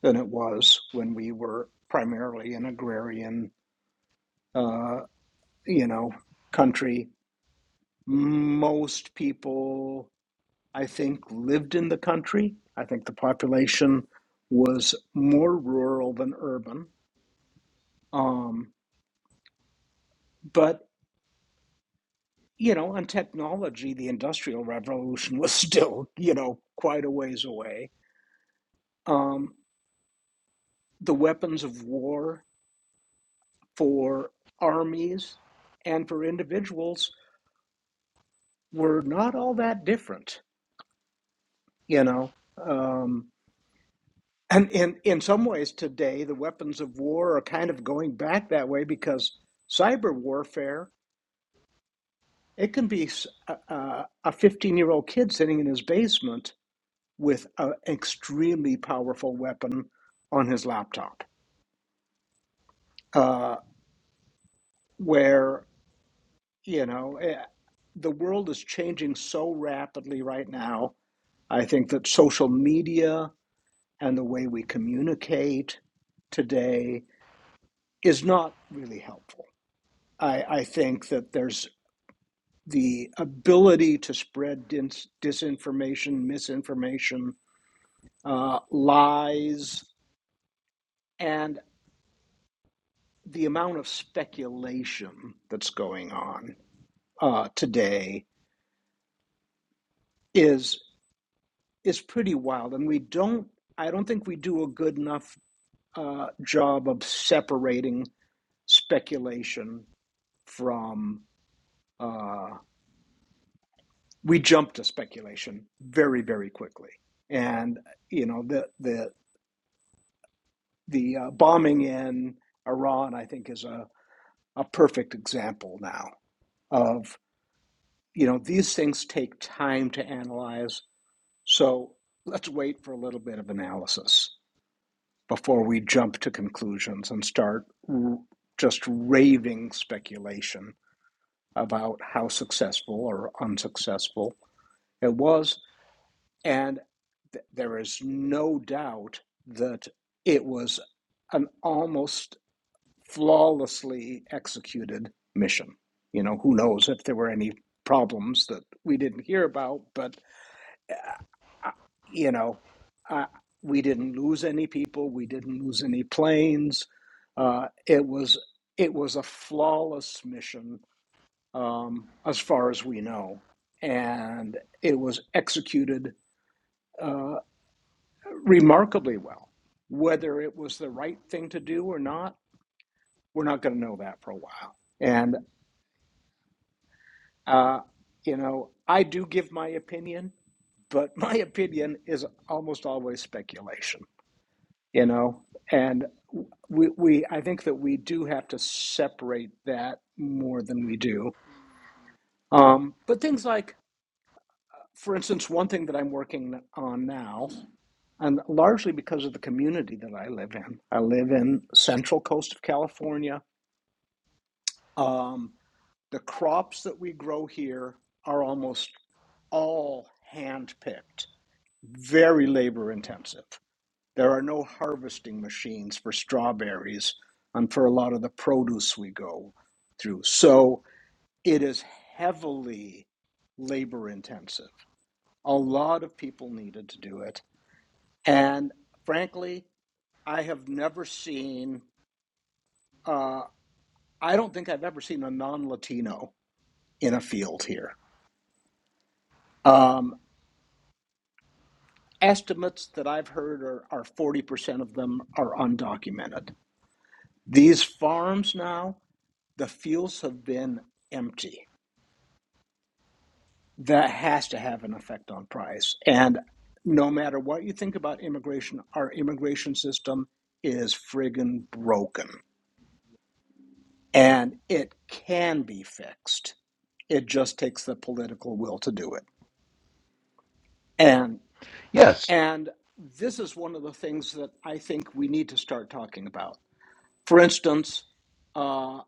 S7: than it was when we were primarily an agrarian, uh, you know, country. Most people I think, lived in the country. I think the population was more rural than urban. Um, but, you know, on technology, the Industrial Revolution was still, you know, quite a ways away. Um, the weapons of war for armies and for individuals were not all that different, you know. Um, and in, in some ways today, the weapons of war are kind of going back that way because cyber warfare It can be a 15 year old kid sitting in his basement with an extremely powerful weapon on his laptop, uh, where, you know, eh, the world is changing so rapidly right now. I think that social media and the way we communicate today is not really helpful. I, I think that there's the ability to spread dis- disinformation, misinformation, uh, lies, and the amount of speculation that's going on uh, today is is pretty wild, and we don't. I don't think we do a good enough uh, job of separating speculation from. Uh, we jump to speculation very, very quickly, and you know the the the uh, bombing in Iran, I think, is a, a perfect example now of. you know, these things take time to analyze. So let's wait for a little bit of analysis before we jump to conclusions and start r- just raving speculation about how successful or unsuccessful it was. And th- there is no doubt that it was an almost flawlessly executed mission. You know, who knows if there were any problems that we didn't hear about, but I- you know, I, we didn't lose any people. We didn't lose any planes. Uh, it was it was a flawless mission um, as far as we know, and it was executed uh, remarkably well. Whether it was the right thing to do or not, we're not going to know that for a while. And uh, you know, I do give my opinion, but my opinion is almost always speculation. you know and we we i think that we do have to separate that more than we do um but things like for instance one thing that i'm working on now and largely because of the community that i live in i live in central coast of california um the crops that we grow here are almost all hand picked very labor intensive There are no harvesting machines for strawberries and for a lot of the produce we go through. So it is heavily labor intensive. A lot of people needed to do it. And frankly, I have never seen, uh, I don't think I've ever seen a non Latino in a field here. Um, estimates that I've heard are, are 40% of them are undocumented. These farms now, the fields have been empty. That has to have an effect on price. And no matter what you think about immigration, our immigration system is friggin' broken. And it can be fixed. It just takes the political will to do it. And
S1: Yes,
S7: and this is one of the things that I think we need to start talking about. For instance, uh,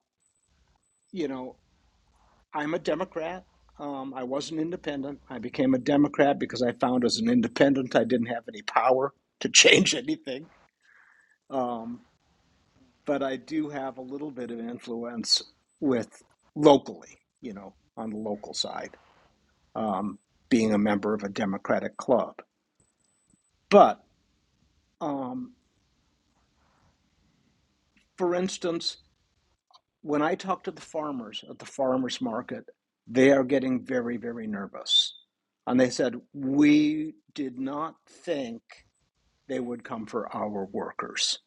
S7: you know. I'm a Democrat. Um, I was an independent. I became a Democrat because I found as an independent I didn't have any power to change anything. Um, but I do have a little bit of influence with locally, you know, on the local side, um, being a member of a Democratic club. But um, for instance, when I talk to the farmers at the farmers market, they are getting very, very nervous. And they said, We did not think they would come for our workers.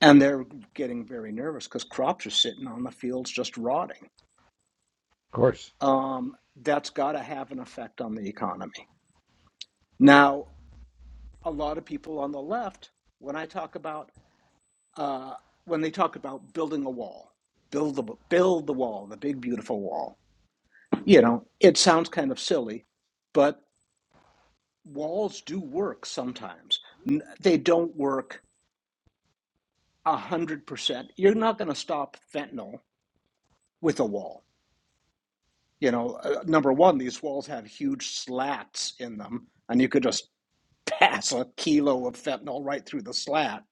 S7: And they're getting very nervous because crops are sitting on the fields just rotting.
S1: of course.
S7: Um, that's got to have an effect on the economy. Now, a lot of people on the left, when I talk about, uh, when they talk about building a wall, build the, build the wall, the big, beautiful wall, you know, it sounds kind of silly, but walls do work sometimes. They don't work 100%. You're not going to stop fentanyl with a wall you know, uh, number one, these walls have huge slats in them, and you could just pass a kilo of fentanyl right through the slat.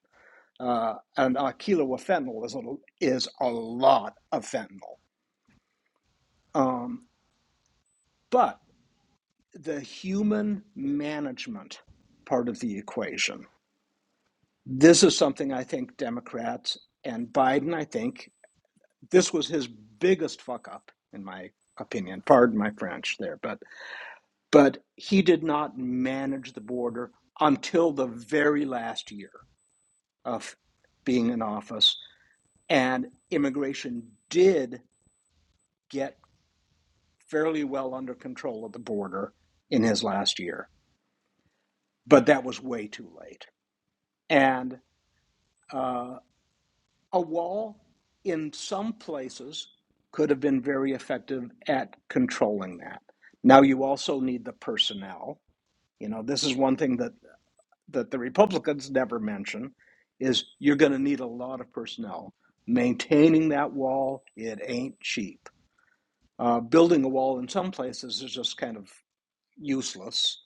S7: Uh, and a kilo of fentanyl is a, is a lot of fentanyl. Um, but the human management part of the equation, this is something I think Democrats and Biden, I think this was his biggest fuck up, in my opinion. Pardon my French there, but but he did not manage the border until the very last year of being in office. And immigration did get fairly well under control of the border in his last year, but that was way too late. And uh, a wall in some places could have been very effective at controlling that. Now, you also need the personnel. You know, this is one thing that that the Republicans never mention is you're going to need a lot of personnel. Maintaining that wall, it ain't cheap. Uh, building a wall in some places is just kind of useless.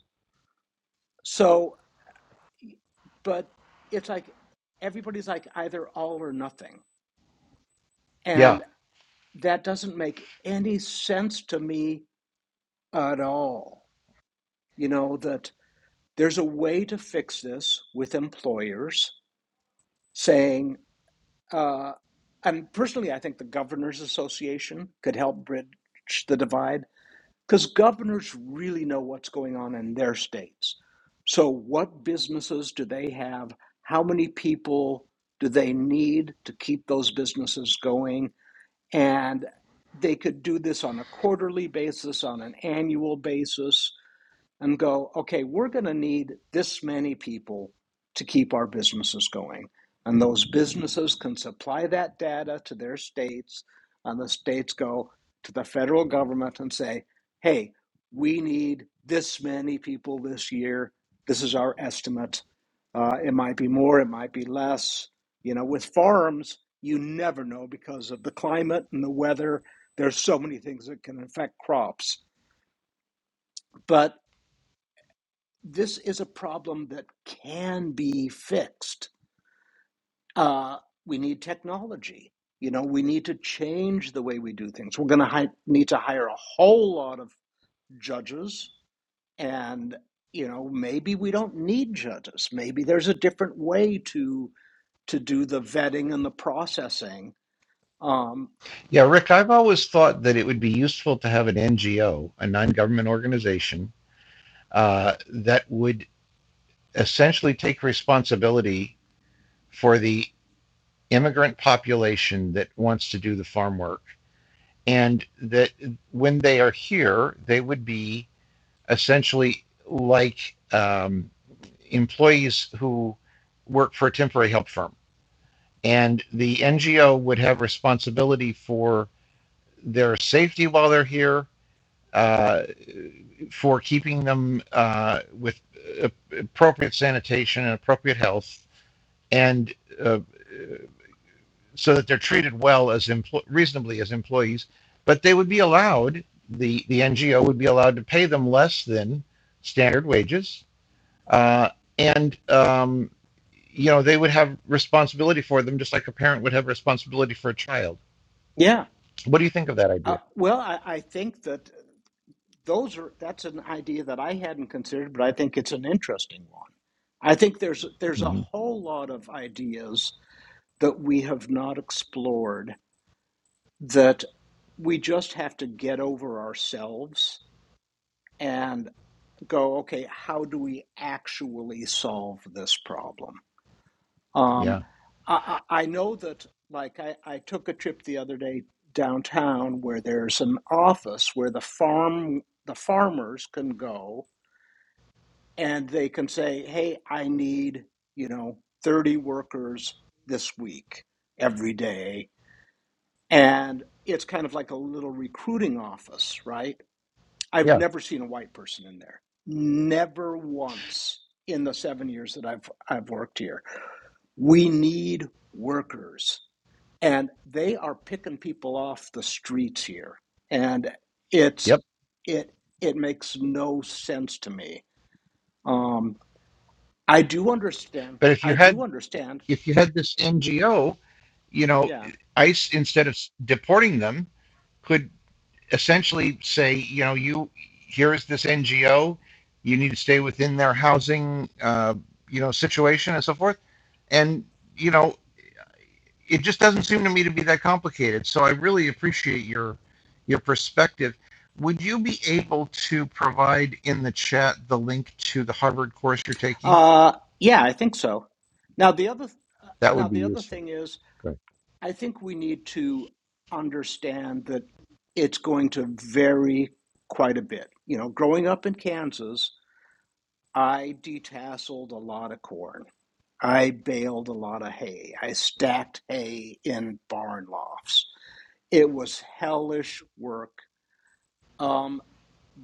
S7: So, but it's like everybody's like either all or nothing.
S1: Yeah.
S7: And that doesn't make any sense to me at all. You know, that there's a way to fix this with employers saying, Uh, and personally, I think the Governors Association could help bridge the divide because governors really know what's going on in their states. So, what businesses do they have? How many people do they need to keep those businesses going? And they could do this on a quarterly basis, on an annual basis and go, okay, we're going to need this many people to keep our businesses going. And those businesses can supply that data to their states, and the states go to the federal government and say, hey, we need this many people this year. This is our estimate. Uh, it might be more, it might be less. You know, with farms, you never know because of the climate and the weather. There's so many things that can affect crops. But this is a problem that can be fixed. Uh, we need technology. You know, we need to change the way we do things. We're going to hi- need to hire a whole lot of judges, and you know, maybe we don't need judges. Maybe there's a different way to to do the vetting and the processing. Um,
S1: Yeah, Rick, I've always thought that it would be useful to have an NGO, a non-government organization, uh, that would essentially take responsibility for the immigrant population that wants to do the farm work and that when they are here, they would be essentially like um, employees who work for a temporary help firm and the NGO would have responsibility for their safety while they're here, uh, for keeping them uh, with appropriate sanitation and appropriate health, and uh, so that they're treated well as empl- reasonably as employees. But they would be allowed the the NGO would be allowed to pay them less than standard wages, uh, and um, you know they would have responsibility for them just like a parent would have responsibility for a child
S7: yeah.
S1: What do you think of that
S7: Uh,
S1: idea?
S7: well, I, I think that. those are that's an idea that I hadn't considered, but I think it's an interesting one. I think there's there's a
S1: hmm
S7: whole lot of ideas that we have not explored that we just have to get over ourselves and go, okay, how do we actually solve this problem? Um,
S1: Yeah,
S7: I, I I know that like I, I took a trip the other day downtown where there's an office where the farm the farmers can go and they can say, hey, I need, you know, 30 workers this week, every day. And it's kind of like a little recruiting office, right? I've
S1: yeah,
S7: never seen a white person in there. Never once in the seven years that I've I've worked here. We need workers. And they are picking people off the streets here. And it's
S1: yep.
S7: it it makes no sense to me. Um, I do understand.
S1: But if you
S7: I do
S1: had
S7: understand.
S1: if you had this NGO, you know,
S7: Yeah.
S1: ICE instead of deporting them, could essentially say, you know, you here is this NGO, you need to stay within their housing, uh, you know, situation and so forth, and you know, it just doesn't seem to me to be that complicated. So I really appreciate your your perspective. Would you be able to provide in the chat the link to the Harvard course you're taking?
S7: Uh, yeah, I think so. Now the other
S1: That
S7: now
S1: would be
S7: the other
S1: useful.
S7: thing is,
S1: Good.
S7: I think we need to understand that it's going to vary quite a bit. You know, growing up in Kansas, I detasseled a lot of corn. I baled a lot of hay. I stacked hay in barn lofts. It was hellish work. Um,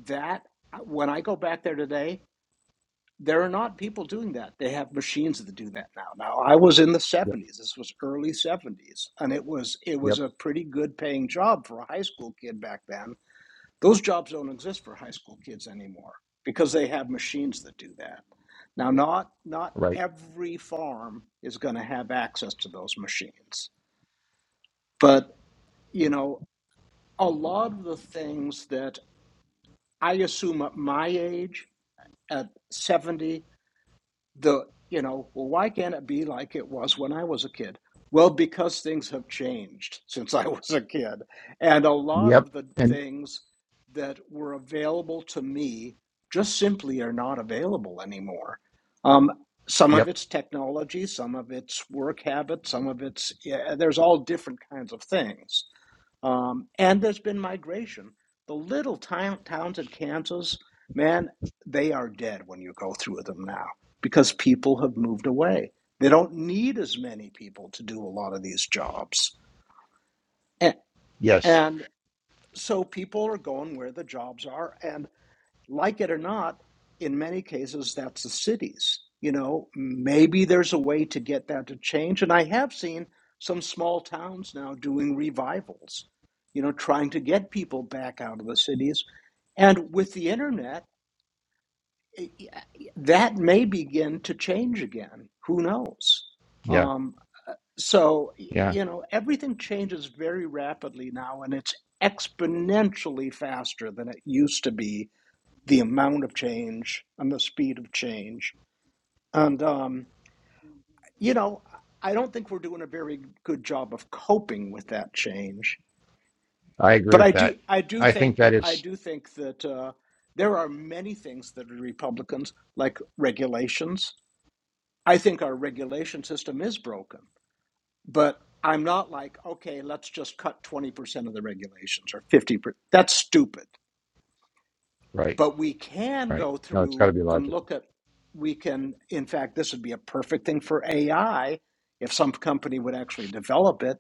S7: that when I go back there today, there are not people doing that. They have machines that do that now. Now I was in the 70s. This was early 70s and it was it was a pretty good paying job for a high school kid back then. Those jobs don't exist for high school kids anymore because they have machines that do that. Now not not every farm is going to have access to those machines. But, you know, a lot of the things that I assume at my age at 70 the you know well why can't it be like it was when i was a kid well because things have changed since i was a kid and a lot
S1: Yep.
S7: of the
S1: And
S7: things that were available to me just simply are not available anymore um, some of
S1: yep.
S7: it's technology some of it's work habits some of it's yeah, there's all different kinds of things um, and there's been migration. The little town, towns in Kansas, man, they are dead when you go through them now because people have moved away. They don't need as many people to do a lot of these jobs. And,
S1: Yes.
S7: and so people are going where the jobs are. and like it or not, in many cases, that's the cities. You know, maybe there's a way to get that to change. And I have seen some small towns now doing revivals, you know, trying to get people back out of the cities. And with the internet, that may begin to change again. Who knows?
S1: Yeah.
S7: Um, so,
S1: Yeah.
S7: you know, everything changes very rapidly now, and it's exponentially faster than it used to be the amount of change and the speed of change. And, um, you know, I don't think we're doing a very good job of coping with that change.
S1: I agree
S7: But I
S1: with that.
S7: do, I do
S1: I think
S7: think,
S1: that
S7: I
S1: is
S7: do think that uh, there are many things that are Republicans, like regulations, I think our regulation system is broken. But I'm not like, okay, let's just cut 20% of the regulations or 50%. That's stupid
S1: right.
S7: but we can
S1: Right.
S7: go
S1: No, it's got to
S7: through
S1: be
S7: and
S1: logical.
S7: look at we can in fact this would be a perfect thing for ai if some company would actually develop it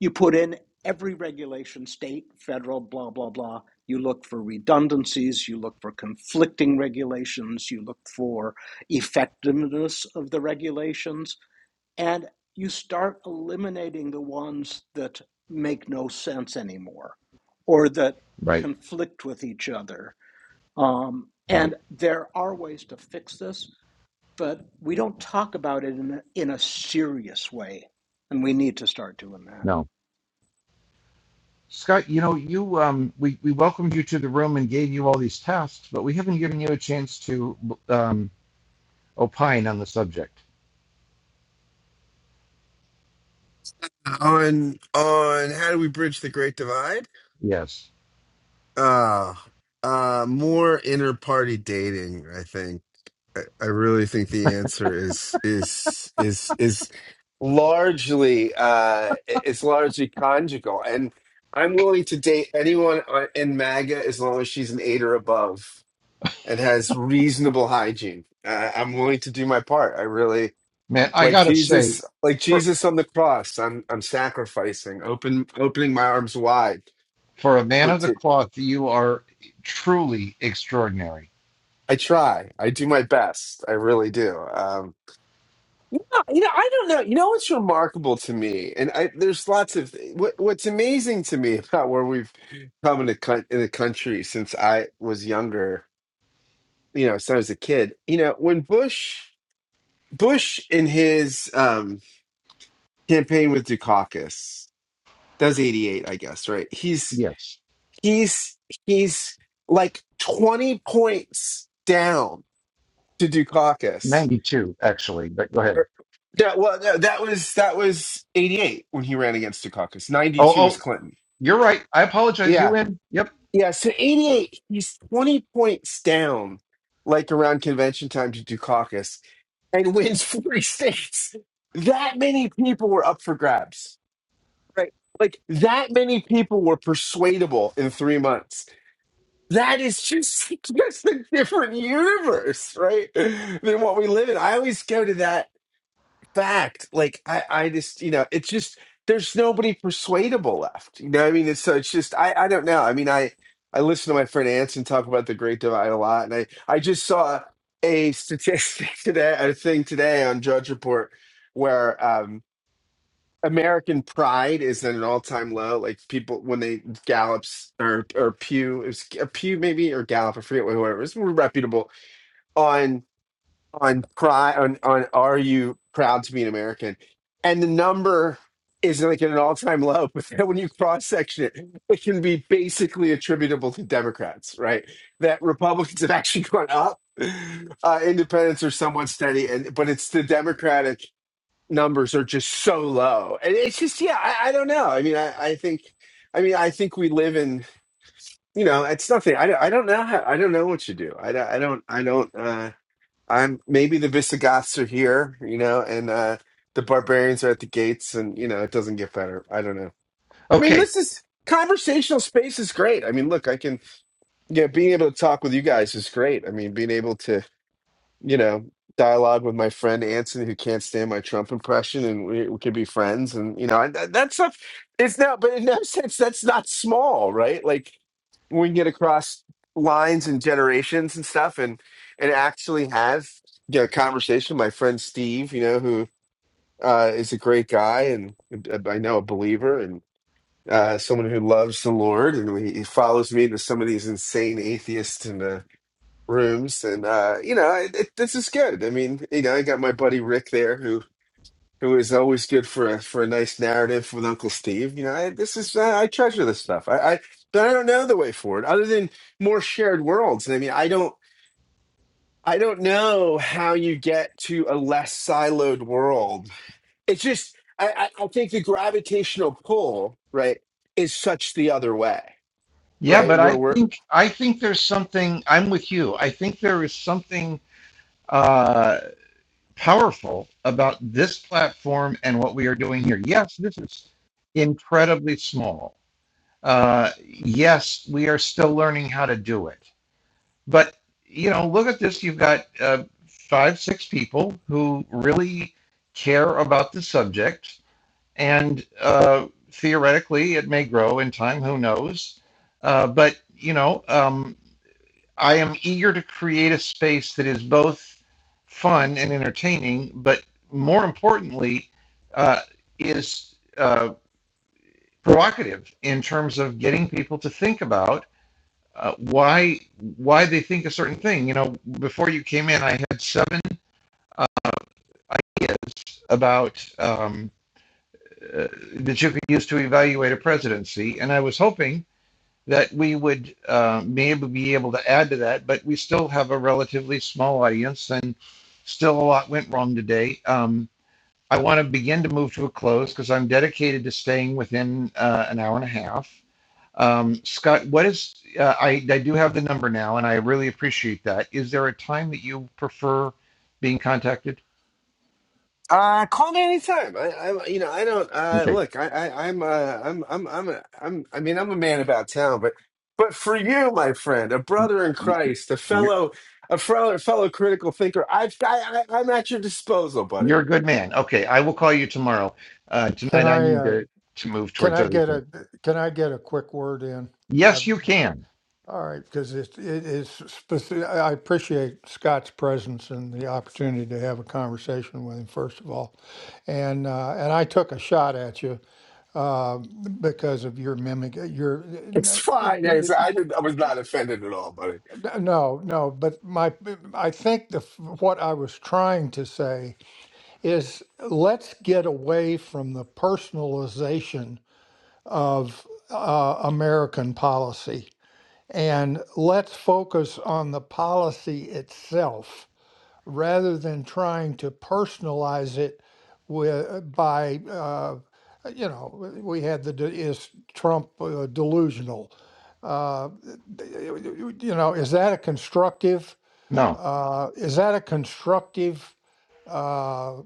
S7: you put in every regulation state federal blah blah blah you look for redundancies you look for conflicting regulations you look for effectiveness of the regulations and you start eliminating the ones that make no sense anymore or that
S1: Right.
S7: conflict with each other um,
S1: Right.
S7: and there are ways to fix this, but we don't talk about it in a, in a serious way. And we need to start doing that.
S1: No. Scott, you know, you um, we we welcomed you to the room and gave you all these tasks, but we haven't given you a chance to um, opine on the subject.
S6: on on how do we bridge the great divide
S1: Yes.
S6: uh uh more inter party dating i think I I really think the answer is is is is largely uh it's largely conjugal and I'm willing to date anyone on- in MAGA as long as she's an eight or above and has reasonable hygiene. Uh, I'm willing to do my part. I really
S1: Man, I
S6: like
S1: gotta say,
S6: Jesus, like
S1: for
S6: Jesus on the cross. I'm I'm sacrificing, open opening my arms wide
S1: for a man
S6: for
S1: of the
S6: to.
S1: cloth, you are truly extraordinary.
S6: I try. I do my best. I really do. um, Yeah, you know, I don't know. You know what's remarkable to me, and I, there's lots of what, what's amazing to me about where we've come in the coun- in the country since I was younger. You know, since I was a kid. You know, when Bush Bush in his um, campaign with Dukakis does 88, I guess, right? He's
S1: Yes.
S6: he's he's like 20 points down to Dukakis
S1: Ninety two, actually, but go ahead.
S6: Yeah, well, no, that was that was '88 when he ran against Dukakis.
S1: Oh
S6: '92 was
S1: oh
S6: Clinton.
S1: you're right. I apologize. You
S6: Yeah,
S1: win. Yep.
S6: yeah. So '88, he's 20 points down, like around convention time to Dukakis, and wins 40 states. That many people were up for grabs, right? Like that many people were persuadable in three months. That is just just a different universe, right? Than what we live in. I always go to that fact. Like I, I just, you know, it's just there's nobody persuadable left. You know, what I mean, it's so it's just I, I don't know. I mean, I, I listen to my friend Anson talk about the Great Divide a lot, and I, I just saw a statistic today, a thing today on Judge Report where um American pride is at an all-time low. Like people when they Gallups or or Pew, it was Pew maybe or Gallup, I forget what whoever it was reputable on on pride on on are you proud to be an American? And the number is like at an all time low, but then when you cross section it, it can be basically attributable to Democrats, right? That Republicans have actually gone up, uh, Independents are somewhat steady, and but it's the Democratic numbers are just so low, and it's just yeah, I, I don't know. I mean, I, I think, I mean, I think we live in you know, it's nothing. I don't, I don't know how. I don't know what you do. I don't. I don't. I don't. Uh, I'm maybe the Visigoths are here, you know, and uh the barbarians are at the gates, and you know it doesn't get better. I don't know. I mean,
S1: Okay.
S6: this is conversational space is great. I mean, look, I can yeah, being able to talk with you guys is great. I mean, being able to you know, dialogue with my friend Anson, who can't stand my Trump impression, and we, we could be friends. And you know, and that, that stuff is now, but in that sense, that's not small, right? Like we can get across lines and generations and stuff, and and actually have you know, a conversation. My friend Steve, you know, who uh, is a great guy, and uh, I know a believer, and. Uh, someone who loves the Lord, and he he follows me into some of these insane atheists and uh, rooms, and uh, you know, it, it, this is good. I mean, you know, I got my buddy Rick there, who who is always good for a for a nice narrative with Uncle Steve. You know, I, this is uh, I treasure this stuff. I, I but I don't know the way forward other than more shared worlds. And I mean, I don't I don't know how you get to a less siloed world. It's just I I I think the gravitational pull right is such the other way
S1: Yeah,
S6: right
S1: but I
S6: where we're.
S1: think I think there's something I'm with you. I think there is something uh powerful about this platform and what we are doing here. Yes, this is incredibly small. Uh yes, we are still learning how to do it But you know, look at this. You've got uh, five, six people who really care about the subject, and uh, theoretically, it may grow in time. Who knows? Uh, but you know, um, I am eager to create a space that is both fun and entertaining, but more importantly, uh, is uh, provocative in terms of getting people to think about uh, why why they think a certain thing. You know, before you came in, I had seven ideas about um, uh, that you could use to evaluate a presidency, and I was hoping that we would uh, maybe be able to add to that. But we still have a relatively small audience, and still a lot went wrong today. Um, I want to begin to move to a close because I'm dedicated to staying within uh, an hour and a half. Um, Scott, what is, uh, I, I do have the number now, and I really appreciate that. Is there a time that you prefer being contacted?
S6: Uh, call me anytime. I, I, you know, I don't. Uh,
S1: Okay.
S6: look, I, I, I'm, uh, I'm, I'm, I'm, a, I'm. I mean, I'm a man about town, but, but for you, my friend, a brother in
S1: You,
S6: Christ, a
S1: you're,
S6: fellow, a fellow, fellow critical thinker, I've, I, I, I'm at your disposal,
S1: you're
S6: buddy.
S1: a good man. Okay. I will call you tomorrow. Uh,
S3: Can
S1: tonight, I
S3: I
S1: need
S3: uh,
S1: to, to move
S3: can
S1: towards
S3: I
S1: other
S3: get
S1: things.
S3: a can I get a quick word in? I've.
S1: Yes, you can.
S3: All right, because it, it is specific. I appreciate Scott's presence and the opportunity to have a conversation with him, first of all. And uh, and I took a shot at you uh, because of your mimic. uh, Your
S6: It's
S3: n- n-
S6: fine. I,
S3: n-
S6: I, did, I was not offended at all, buddy.
S3: no, no, but my I think the what I was trying to say is let's get away from the personalization of uh, American policy And let's focus on the policy itself rather than trying to personalize it with by uh, you know we had the de- is Trump uh, delusional uh, you know is that a constructive
S1: No,
S3: uh, is that a constructive uh,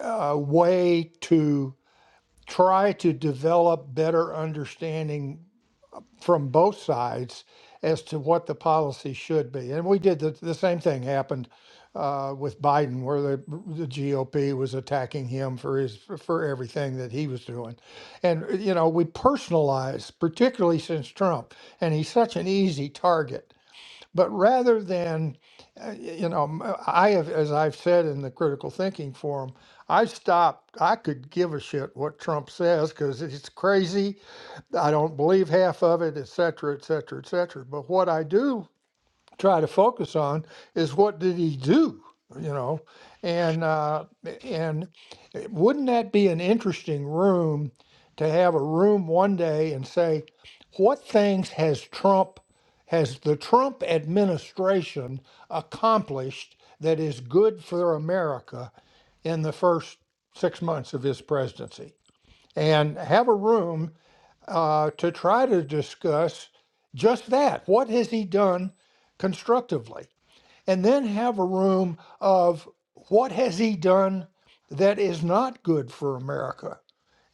S3: uh, way to try to develop better understanding from both sides as to what the policy should be. And we did the, the same thing happened uh, with Biden, where the, the GOP was attacking him for his for everything that he was doing. And you know, we personalize, particularly since Trump, and he's such an easy target. But rather than, uh, you know, m- I have, as I've said in the critical thinking forum, I stopped. I could give a shit what Trump says because it's crazy I don't believe half of it, et cetera, et cetera, et cetera. But what I do try to focus on is what did he do, you know? And uh, and wouldn't that be an interesting room to have a room one day and say, what things has Trump, has the Trump administration accomplished that is good for America in the first six months of his presidency? And have a room uh, to try to discuss just that. What has he done constructively? And then have a room of what has he done that is not good for America?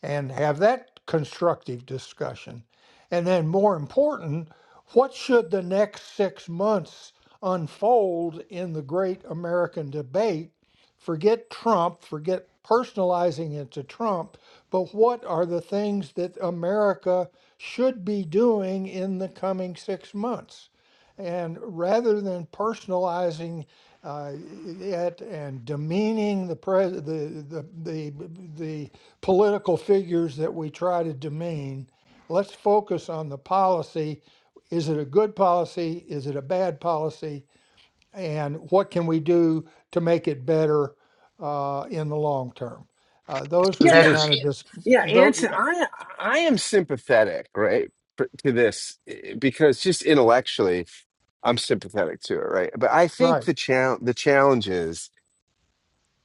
S3: and have that constructive discussion. And then, more important, what should the next six months unfold in the great American debate? Forget Trump, forget personalizing it to Trump, but what are the things that America should be doing in the coming six months? And rather than personalizing uh, it and demeaning the, pres the, the, the, the political figures that we try to demean. Let's focus on the policy. Is it a good policy? Is it a bad policy? And what can we do to make it better uh, in the long term? Uh, those are
S6: Yeah,
S3: the
S1: that
S6: no,
S3: kind
S1: is
S6: eh,
S3: of dis.
S6: yeah,
S3: Those,
S6: Anson, I, I am sympathetic, right, for- to this eh, because just intellectually, I'm sympathetic to it, right? But I think
S3: right.
S6: the challenge, the challenge is.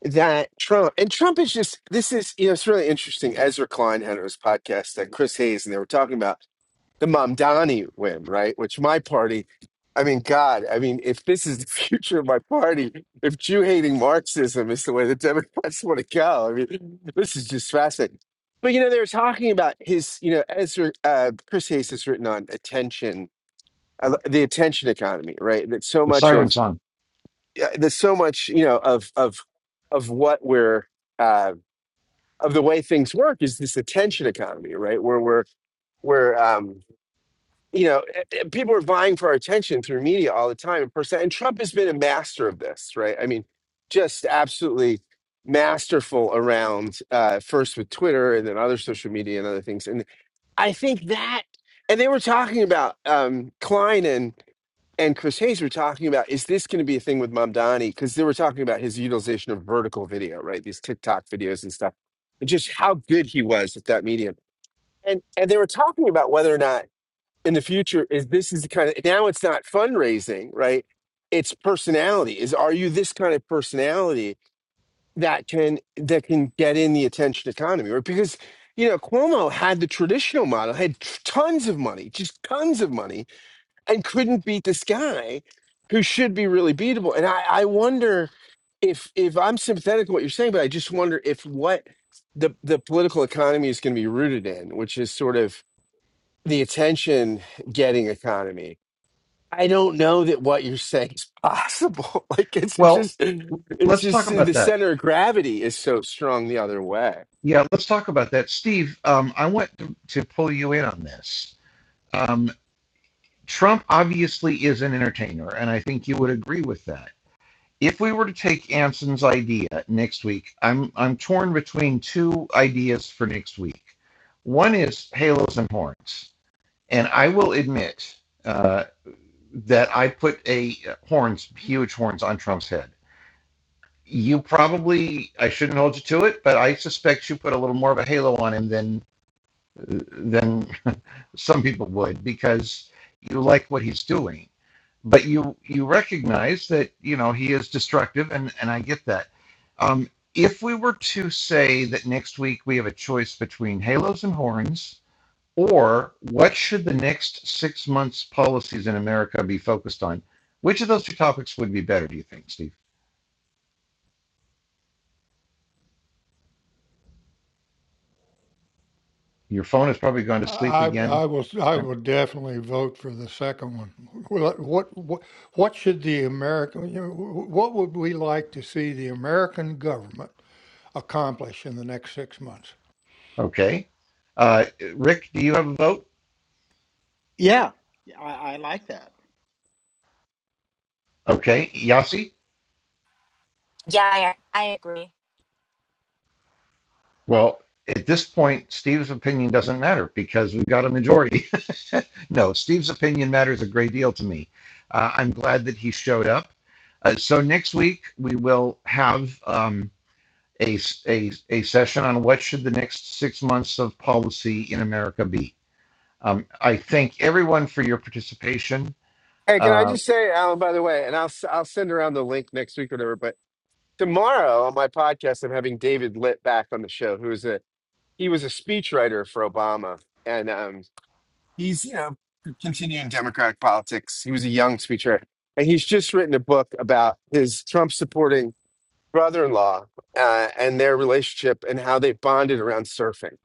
S6: that Trump and Trump is just this is you know it's really interesting. Ezra Klein had his podcast that Chris Hayes and they were talking about the Mamdani win, right? Which my party, I mean, God, I mean, if this is the future of my party, if Jew hating Marxism is the way the Democrats want to go, I mean, this is just fascinating. But you know, they were talking about his, you know, Ezra uh, Chris Hayes has written on attention, uh, the attention economy, right? That so
S1: the
S6: much of
S1: siren song.
S6: yeah, there's so much you know of of of what we're uh, of the way things work is this attention economy, right? Where we're where um, you know eh, eh, people are vying for our attention through media all the time, and percent. And Trump has been a master of this, right? I mean, just absolutely masterful around uh, first with Twitter and then other social media and other things. And I think that, and they were talking about um, Klein and and Chris Hayes were talking about is this going to be a thing with Mamdani? Because they were talking about his utilization of vertical video, right? These TikTok videos and stuff, and just how good he was at that medium. And and they were talking about whether or not in the future is this is the kind of now it's not fundraising, right? It's personality. Is are you this kind of personality that can that can get in the attention economy? Right? Because you know Cuomo had the traditional model, had tons of money, just tons of money and couldn't beat this guy who should be really beatable. And I, I wonder if if I'm sympathetic to what you're saying, but I just wonder if what the the political economy is going to be rooted in, which is sort of the attention getting economy. I don't know that what you're saying is possible. like it's it
S1: Well,
S6: just it's
S1: let's talk
S6: just
S1: about
S6: the
S1: that.
S6: center of gravity is so strong the other way.
S1: Yeah, let's talk about that. Steve, um, I want to, to pull you in on this. Um, Trump obviously is an entertainer, and I think you would agree with that if we were to take Anson's idea next week, I'm I'm torn between two ideas for next week. One is halos and horns, and I will admit uh, that I put a horns, huge horns, on Trump's head. You probably, I shouldn't hold you to it, but I suspect you put a little more of a halo on him than than some people would because you like what he's doing but you you recognize that you know he is destructive and and i get that um if we were to say that next week we have a choice between halos and horns or what should the next six months policies in america be focused on which of those two topics would be better do you think steve your phone has probably gone to sleep
S3: I
S1: again
S3: I will I
S1: I'm-
S3: will definitely vote for the second one. What what what what should the American you know, what would we like to see the American government accomplish in the next six months?
S1: okay uh, rick do you have a vote
S7: Yeah, I, I like that.
S1: okay yasi
S5: Yeah, I, I agree.
S1: well at this point steve's opinion doesn't matter because we've got a majority No, Steve's opinion matters a great deal to me. Uh, I'm glad that he showed up. Uh, so next week we will have um, a, a a session on what should the next six months of policy in America be. Um, I thank everyone for your participation.
S6: Hey, can I
S1: Uh,
S6: just say, Alan? By the way, and I'll s- I'll send around the link next week or whatever. But Tomorrow on my podcast, I'm having David Litt back on the show, who is a he was a speechwriter for Obama, and um, he's you know continuing Democratic politics. He was a young speechwriter, and he's just written a book about his Trump supporting brother-in-law uh, and their relationship and how they bonded around surfing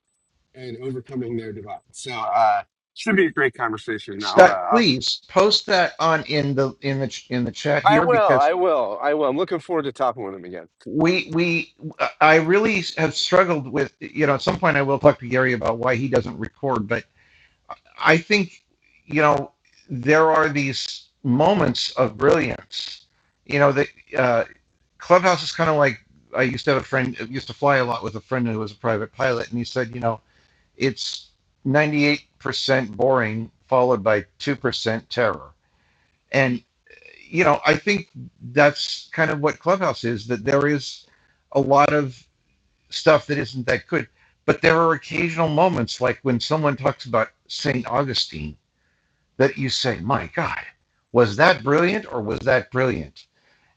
S6: and overcoming their divide. So uh, should be a great conversation. I'll uh,
S1: Scott,
S6: I'll
S1: please post that on in the in the in the chat
S6: I
S1: here
S6: will.
S1: because
S6: I will. I will. I'm looking forward to talking with him again.
S1: we we I really have struggled with you know at some point I will talk to Gary about why he doesn't record, but I think, you know, there are these moments of brilliance. You know, the uh, clubhouse is kind of like I used to have a friend used to fly a lot with a friend who was a private pilot, and he said, you know, it's ninety eight percent boring followed by two percent terror, and you know, I think that's kind of what clubhouse is. That there is a lot of stuff that isn't that good, but there are occasional moments like when someone talks about Saint Augustine that you say, my God, was that brilliant or was that brilliant?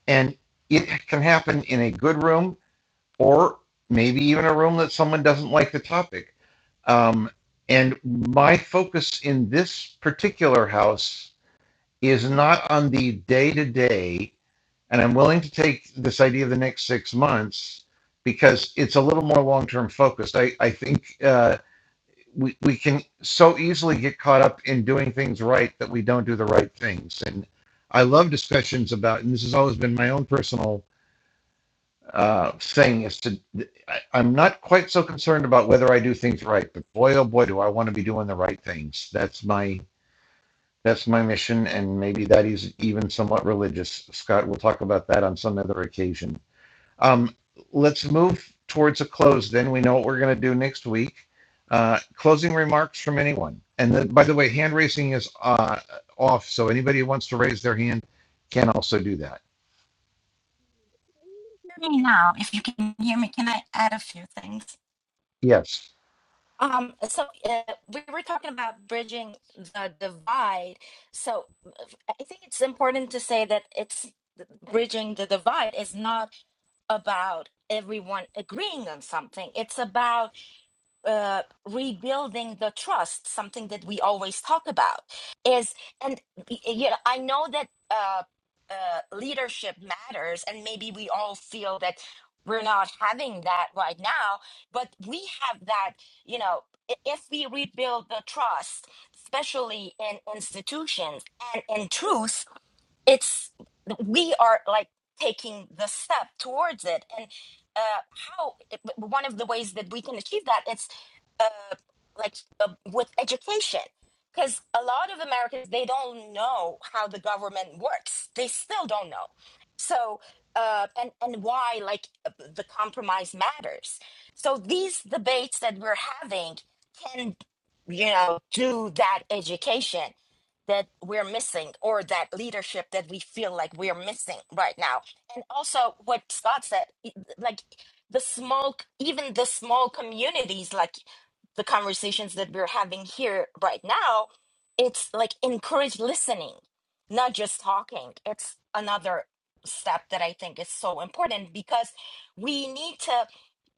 S1: And it can happen in a good room or maybe even a room that someone doesn't like the topic. Um, and my focus in this particular house is not on the day to day. And I'm willing to take this idea of the next six months because it's a little more long term focused. I, I think. Uh, we, we can so easily get caught up in doing things right that we don't do the right things. And I love discussions about, and this has always been my own personal uh, thing, is to, I, I'm not quite so concerned about whether I do things right, but boy, oh boy, do I want to be doing the right things. That's my, that's my mission. And maybe that is even somewhat religious. Scott, we'll talk about that on some other occasion. Um, let's move towards a close. Then we know what we're going to do next week. Uh, closing remarks from anyone. And then, by the way, hand raising is uh, off, so anybody who wants to raise their hand can also do that.
S5: Hear me now. If you can hear me, can I add a few things?
S1: Yes,
S5: Um, so uh, we were talking about bridging the divide. So uh, I think it's important to say that it's bridging the divide is not about everyone agreeing on something. It's about uh, rebuilding the trust, something that we always talk about, is and you know I know that uh, uh, leadership matters, and maybe we all feel that we're not having that right now, but we have that. You know, i- if we rebuild the trust, especially in institutions and in truth it's we are like taking the step towards it and uh how one of the ways that we can achieve that it's uh like uh, with education because a lot of americans they don't know how the government works they still don't know so uh and and why like uh, the compromise matters so these debates that we're having can you know do that education that we're missing or that leadership that we feel like we're missing right now and also what scott said i- like the small even the small communities like the conversations that we're having here right now it's like encourage listening not just talking it's another step that i think is so important because we need to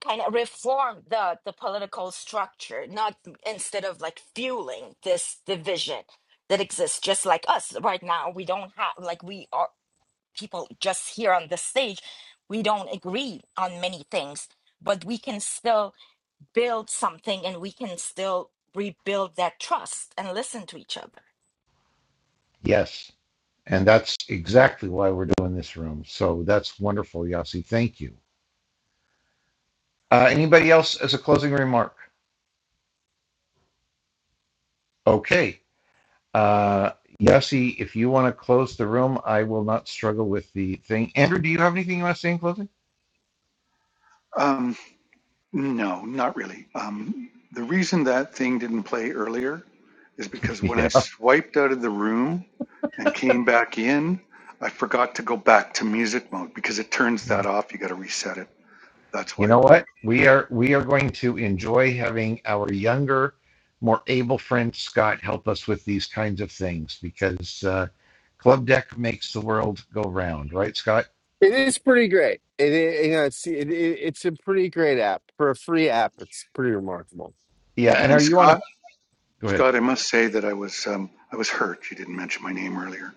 S5: kind of reform the the political structure not instead of like fueling this division that exist just like us right now we don't have like we are people just here on the stage we don't agree on many things but we can still build something and we can still rebuild that trust and listen to each other
S1: yes, and that's exactly why we're doing this room. So that's wonderful, Yasi. Thank you. Uh, anybody else as a closing remark? Okay. Uh, Yasi, if you want to close the room, I will not struggle with the thing. Andrew, do you have anything you want to say in closing?
S2: Um, no, not really. Um, the reason that thing didn't play earlier is because when I
S1: yeah.
S2: swiped out of the room and came back in, I forgot to go back to music mode because it turns that off. You got to reset it. That's
S1: you
S2: why
S1: know
S2: it wouldn't.
S1: what we are we are going to enjoy having our younger more able friend scott help us with these kinds of things because uh, club deck makes the world go round right scott
S6: It is pretty great. It, it you know it's it, it, it's a pretty great app for a free app. It's pretty remarkable.
S1: yeah
S2: Yeah.
S1: and
S2: And
S1: are you
S2: Scott,
S1: on a go ahead
S2: Scott, I must say that I was um, I was hurt. You didn't mention my name earlier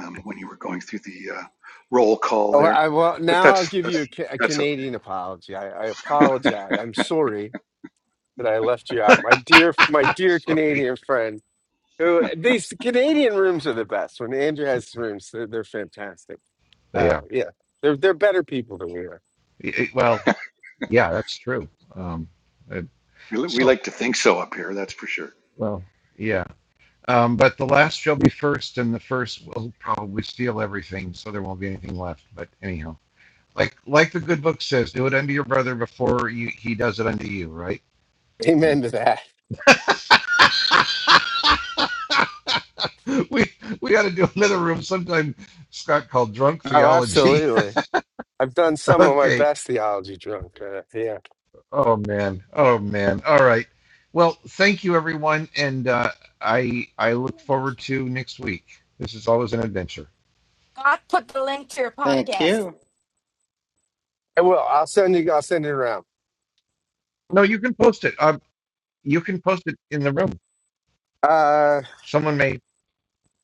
S2: um, when you were going through the uh, roll call
S6: Oh,
S2: there,
S6: I well
S2: but
S6: now I'll
S2: that's
S6: give
S2: that's
S6: you a, ca- a
S2: that's okay.
S6: Canadian apology. I, I apologize. I'm sorry. that I left you out. My dear, my
S1: I'm
S6: dear
S1: sorry
S6: Canadian friend. Who these Canadian rooms are the best. When Andrew has his rooms, they're, they're fantastic.
S1: But
S6: Uh,
S1: yeah
S6: yeah, they're they're better people than we are.
S1: It- well yeah that's true um, uh,
S2: We, li- we
S1: so
S2: like to think so up here. That's for sure.
S1: well yeah um, but the last shall be first and the first will probably steal everything so there won't be anything left but anyhow Like like the good book says, do it unto your brother before you, he does it unto you, right?
S6: Amen to that.
S1: Yeah. We we got to do another room sometime. Scott called drunk
S6: Oh,
S1: theology.
S6: absolutely. I've done some of my
S1: okay.
S6: best theology drunk. Uh, yeah,
S1: Oh man. Oh man. All right. Well, thank you everyone, and uh, I I look forward to next week. This is always an adventure.
S5: god put the link to your
S7: Thank
S5: podcast
S7: you.
S6: I will. I'll send you. I'll send it around.
S1: No, you can post it. Um, you can post it in the room.
S6: Uh,
S1: Someone may.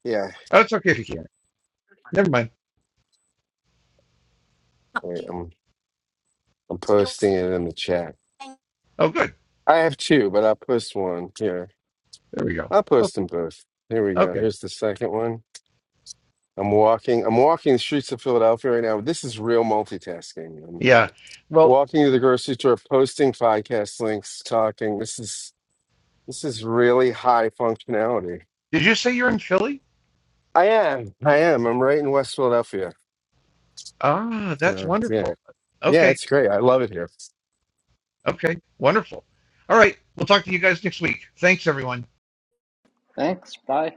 S6: yeah.
S1: Oh, it's okay if you can't. Never mind.
S6: Wait, I'm I'm
S5: you
S6: posting it in the chat.
S1: Oh, good.
S6: I have two, but I'll post one here.
S1: There we go.
S6: I'll post
S1: Okay.
S6: them both. Here we go.
S1: Okay.
S6: Here's the second one. I'm walking. I'm walking the streets of Philadelphia right now. This is real multitasking. I'm
S1: Yeah. Well,
S6: walking to the grocery store, posting podcast links, talking. This is this is really high functionality.
S1: did you say you're in Philly?
S6: I am. I am. I'm right in West Philadelphia.
S1: Ah, that's
S6: So yeah,
S1: wonderful.
S6: yeah,
S1: Okay.
S6: it's great. I love it here.
S1: Okay. Wonderful. All right. We'll talk to you guys next week. Thanks, everyone.
S7: Thanks. Bye.